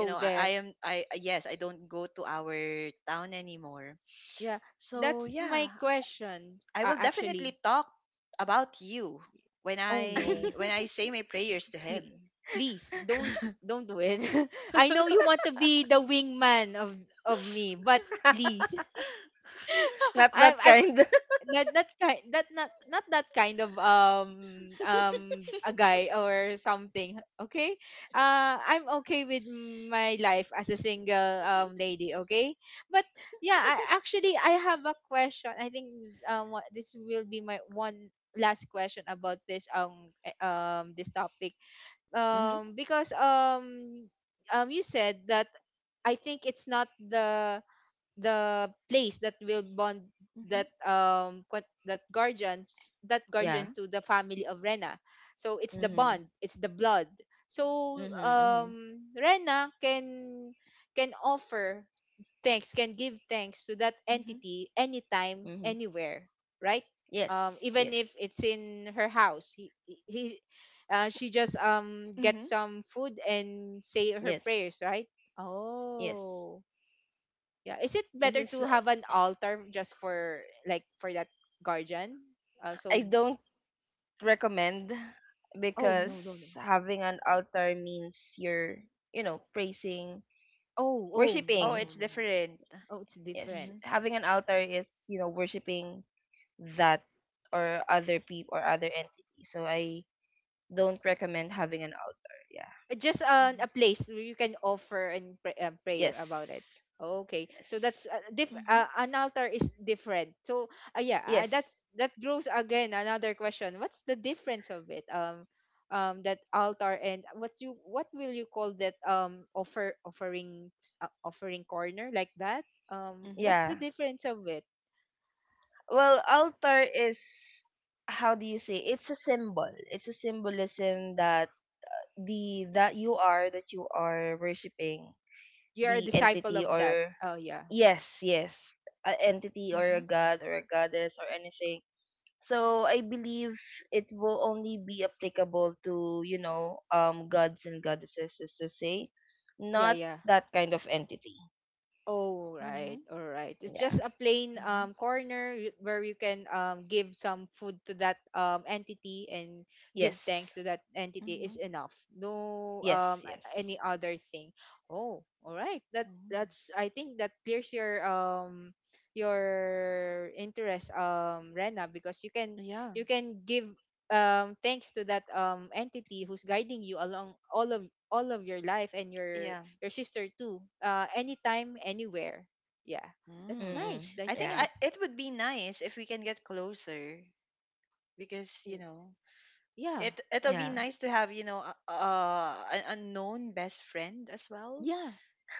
Speaker 2: you know, I
Speaker 1: there.
Speaker 2: am I yes I don't go to our town anymore
Speaker 1: Yeah,
Speaker 2: so
Speaker 1: that's
Speaker 2: yeah
Speaker 1: my question.
Speaker 2: I will definitely
Speaker 1: Actually,
Speaker 2: talk about you
Speaker 1: oh no,
Speaker 2: when I say my prayers to
Speaker 1: please,
Speaker 2: him.
Speaker 1: please don't don't do it. I know you want to be the wingman of me, but please,
Speaker 3: Not that
Speaker 1: I'm
Speaker 3: kind.
Speaker 1: not that kind, that not not that kind of a guy or something, okay? I'm okay with my life as a single lady, okay. But yeah, I actually, I have a question, I think. What, this will be my one last question about this this topic.
Speaker 3: Hmm.
Speaker 1: Because you said that I think it's not the place that will bond
Speaker 2: Mhm,
Speaker 1: that that guardians, that guardian,
Speaker 3: Yeah.
Speaker 2: mhm,
Speaker 1: to the family of Rena. So it's the
Speaker 2: mhm,
Speaker 3: Hmm.
Speaker 1: bond, it's the blood. So
Speaker 3: Hmm. Hmm.
Speaker 1: Rena can offer thanks, can give thanks to that
Speaker 2: mhm,
Speaker 1: entity anytime,
Speaker 3: Hmm.
Speaker 1: anywhere, right?
Speaker 3: Yes.
Speaker 1: Even if
Speaker 3: Yes.
Speaker 1: it's in her house, she just get
Speaker 2: mhm,
Speaker 1: some food and say her
Speaker 3: Yes.
Speaker 1: prayers, right?
Speaker 3: Yes.
Speaker 1: Oh, yeah. Is it
Speaker 3: Since
Speaker 1: better
Speaker 3: it's,
Speaker 1: to have an altar just for, like, for that guardian?
Speaker 3: I
Speaker 1: So,
Speaker 3: don't recommend,
Speaker 1: oh
Speaker 3: because
Speaker 2: mhm.
Speaker 1: no no no.
Speaker 3: having an altar means you're, you know, praising,
Speaker 1: Oh oh
Speaker 2: Oh,
Speaker 1: no
Speaker 3: worshiping.
Speaker 1: no
Speaker 2: it's
Speaker 1: no no.
Speaker 2: different.
Speaker 1: Oh, it's
Speaker 3: Yes.
Speaker 1: different.
Speaker 2: Mhm,
Speaker 3: Having an altar is, you know, worshiping that, or other people or other entity. So I don't recommend having an altar. Yeah.
Speaker 1: Just
Speaker 2: mhm,
Speaker 1: a place where you can offer and pray, pray about it.
Speaker 3: Yes.
Speaker 1: Okay,
Speaker 3: Yes.
Speaker 1: so that's
Speaker 2: mhm,
Speaker 1: an altar is different. So yeah,
Speaker 3: Yes.
Speaker 1: that's, that grows again another question. What's the difference of it, that altar and what you, what will you call that, offer, offering, offering corner, like that.
Speaker 2: mhm, mhm,
Speaker 1: What's the
Speaker 3: Yeah.
Speaker 1: difference of it?
Speaker 3: Well, altar is, how do you say? It's a symbol. It's a symbolism that the that you are, that you are worshiping
Speaker 1: You're a
Speaker 3: the
Speaker 1: disciple
Speaker 3: entity,
Speaker 1: of that.
Speaker 3: or
Speaker 1: Oh yeah.
Speaker 3: yes, yes, a entity or a god or a goddess or anything. So I believe it will only be applicable to, you know, um, gods and goddesses is to
Speaker 1: Y-
Speaker 3: say,
Speaker 1: yeah,
Speaker 3: not
Speaker 1: yeah.
Speaker 3: that kind of entity.
Speaker 1: Oh, right.
Speaker 2: mhm,
Speaker 1: All right. It's
Speaker 3: Yeah.
Speaker 1: just a plain
Speaker 2: mhm,
Speaker 1: corner where you can give some food to that entity and give
Speaker 3: Yes.
Speaker 1: thanks to that entity is
Speaker 2: mhm,
Speaker 1: enough. No
Speaker 3: Yes. Yes.
Speaker 1: any other thing. Oh, all right. That,
Speaker 2: mhm.
Speaker 1: that's, I think that clears your interest, Rena, because you can,
Speaker 2: Yeah,
Speaker 1: you can give thanks to that entity who's guiding you along all of, all of your life and your
Speaker 2: yeah.
Speaker 1: your sister too, anytime, anywhere, yeah. That's
Speaker 2: Mm.
Speaker 1: nice,
Speaker 3: Mm-mm.
Speaker 2: I
Speaker 1: that's
Speaker 2: think
Speaker 3: Yeah.
Speaker 1: nice.
Speaker 2: it would be nice if we can get closer because you
Speaker 1: W-
Speaker 2: know
Speaker 1: yeah,
Speaker 2: it
Speaker 1: yeah,
Speaker 2: it'll be
Speaker 3: Yeah.
Speaker 2: nice to have, you know, an unknown best friend as well.
Speaker 1: yeah.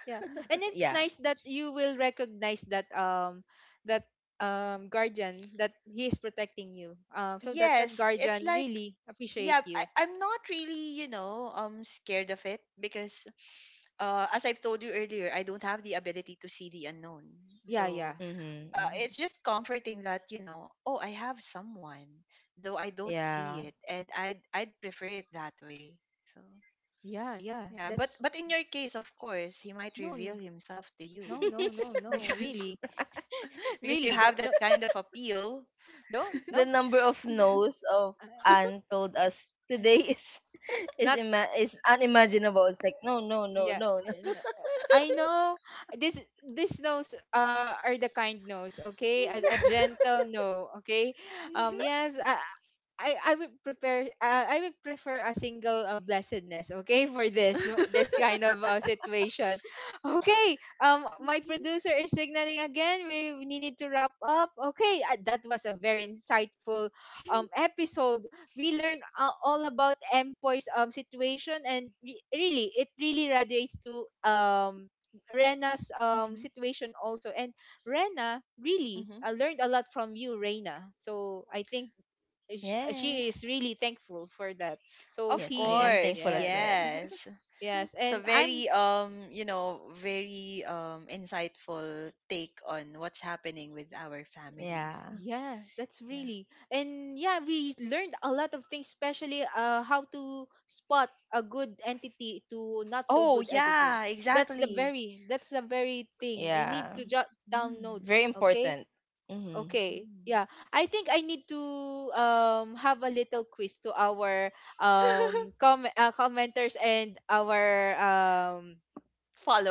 Speaker 1: Yeah,
Speaker 2: Mm.
Speaker 1: and it's
Speaker 3: Yeah.
Speaker 1: nice that you will recognize that that guardian that he is protecting you, so that that
Speaker 2: Yes, it's
Speaker 1: guardian
Speaker 2: like
Speaker 1: really appreciate
Speaker 2: yeah,
Speaker 1: you.
Speaker 2: I'm not really, you know, scared of it because as I've told you earlier, I don't have the ability to see the unknown.
Speaker 1: Yeah, yeah,
Speaker 2: So
Speaker 3: Mm-hmm.
Speaker 2: it's just comforting that, you know, oh, I have someone, though I don't see
Speaker 3: Yeah.
Speaker 2: it, and I'd prefer it that way. So
Speaker 1: yeah, yeah.
Speaker 2: yeah,
Speaker 1: That's
Speaker 2: but in your case, of course, he might
Speaker 1: no, no,
Speaker 2: reveal himself to you
Speaker 1: no, no, no, no,
Speaker 2: because
Speaker 1: really.
Speaker 2: you
Speaker 1: Really,
Speaker 2: have
Speaker 1: don't don't
Speaker 2: that kind of appeal.
Speaker 1: don't
Speaker 3: The
Speaker 1: no,
Speaker 3: number of no's of
Speaker 1: uh,
Speaker 3: Anne told us today is
Speaker 1: not—
Speaker 3: is unimaginable. It's like no, no, no,
Speaker 1: Yeah,
Speaker 3: no, no.
Speaker 1: and, I know this, this no's are the kind no's, okay? A gentle no, okay? Um, yes, I would prepare, I would prefer a single, blessedness, okay, for this, this kind of situation. Okay, my producer is signaling again. We need to wrap up. Okay, that was a very insightful episode. We learn all about Empoy's situation and really, it really radiates to Rena's
Speaker 2: Mhm,
Speaker 1: situation also, and Rena really
Speaker 2: mhm.
Speaker 1: learned a lot from you, Rena, so I think
Speaker 3: Yes.
Speaker 1: she is really thankful for that. So
Speaker 2: Of
Speaker 3: Yes, I am
Speaker 1: she,
Speaker 2: course,
Speaker 3: thankful as
Speaker 1: yes,
Speaker 3: well.
Speaker 2: yes.
Speaker 1: yes,
Speaker 2: It's a
Speaker 1: and I'm—
Speaker 2: very you know, very insightful take on what's happening with our families.
Speaker 3: Yeah.
Speaker 1: Yeah, that's
Speaker 2: Yeah.
Speaker 1: really. And yeah, we learned a lot of things, especially how to spot a good entity to not so
Speaker 2: Oh,
Speaker 1: good entity.
Speaker 2: yeah,
Speaker 1: That's the
Speaker 2: exactly.
Speaker 1: very, that's the very thing. You need
Speaker 3: Yeah.
Speaker 1: to jot down
Speaker 2: Mm,
Speaker 3: Very
Speaker 1: notes, okay?
Speaker 3: important. Mm-hmm.
Speaker 1: Okay.
Speaker 2: mm.
Speaker 1: Yeah. I think I need to have a little quiz to our commenters and um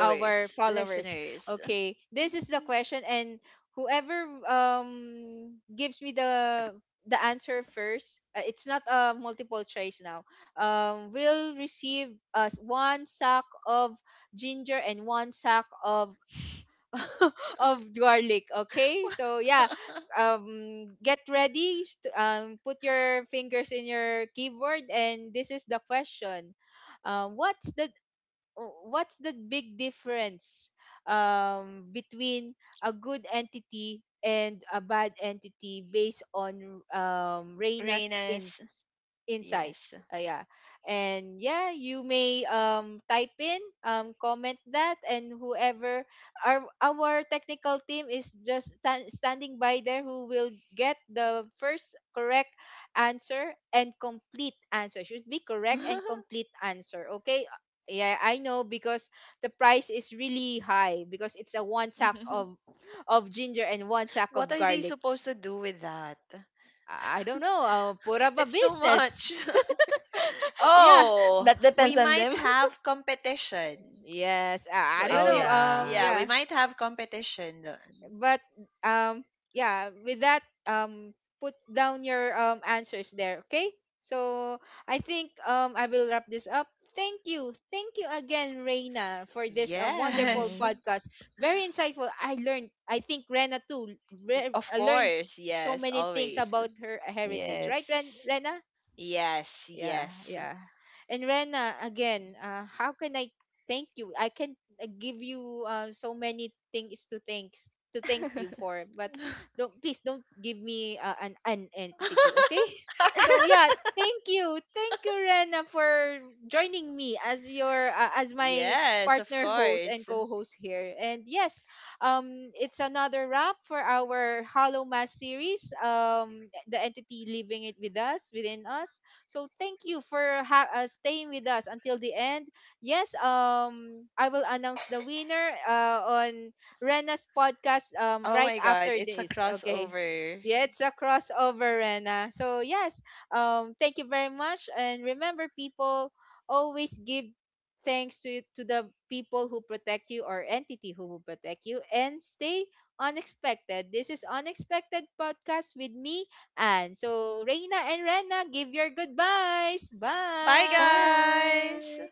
Speaker 1: our followers.
Speaker 2: listeners.
Speaker 1: Okay, this is the question, and whoever gives me the answer first, it's not a multiple choice now. Will receive us one sack of ginger and one sack of of garlic. Okay, so yeah, get ready. Put your fingers in your keyboard, and this is the question. What's the, what's the big difference, between a good entity and a bad entity based on, Reina's
Speaker 2: Reyna's, yes.
Speaker 1: insights? Yeah. And yeah, you may, type in, comment that, and whoever, our technical team is just standing by there, who will get the first correct answer and complete answer. Should be correct and complete answer, okay? Yeah, I know, because the price is really high because it's a one sack
Speaker 2: Mhm.
Speaker 1: of ginger and one sack
Speaker 2: What
Speaker 1: of
Speaker 2: are they
Speaker 1: garlic.
Speaker 2: supposed to do with that?
Speaker 1: I don't know. Put up a
Speaker 2: It's too
Speaker 1: business.
Speaker 2: much.
Speaker 1: Yeah.
Speaker 2: Oh,
Speaker 3: That
Speaker 2: we
Speaker 3: depends on
Speaker 2: might
Speaker 3: them.
Speaker 2: have competition.
Speaker 1: Yes.
Speaker 2: So
Speaker 1: I don't
Speaker 2: if
Speaker 3: Oh
Speaker 1: know.
Speaker 2: you,
Speaker 3: yeah.
Speaker 2: yeah, we
Speaker 1: Yeah.
Speaker 2: might have competition then.
Speaker 1: But um yeah, with that, put down your answers there, okay? So I think I will wrap this up. Thank you, thank you again, Reina, for this wonderful
Speaker 2: Yes,
Speaker 3: Mm-hmm.
Speaker 1: podcast. Very insightful. I learned, I think Rena too,
Speaker 2: of
Speaker 1: I learned
Speaker 2: course.
Speaker 1: so
Speaker 2: Yes,
Speaker 1: many things
Speaker 2: always.
Speaker 1: about her heritage, right,
Speaker 3: Yes.
Speaker 1: Rena?
Speaker 2: Yes,
Speaker 1: Yeah,
Speaker 2: yes.
Speaker 1: yeah. And Rena, again, how can I thank you? I can give you so many things to thanks, to thank you for, but don't, please don't give me an entity, okay? So yeah, thank you, Rena, for joining me as your as my
Speaker 2: Yes, of
Speaker 1: partner host and
Speaker 2: course.
Speaker 1: co-host here. And yes, it's another wrap for our Hollow Mass series. The entity living it with us, within us, so thank you for staying with us until the end. Yes, I will announce the winner on Rena's podcast,
Speaker 2: Oh
Speaker 1: right
Speaker 2: my god,
Speaker 1: after
Speaker 2: it's a
Speaker 1: this. Okay.
Speaker 2: crossover.
Speaker 1: Yeah, it's a crossover, Rena. So yes, thank you very much. And remember, people, always give thanks to the people who protect you, or entity who will protect you, and stay unexpected. This is Unexpected Podcast with me, and so, Reina and Rena, give your goodbyes.
Speaker 2: Bye,
Speaker 1: Bye.
Speaker 2: guys.
Speaker 3: Bye.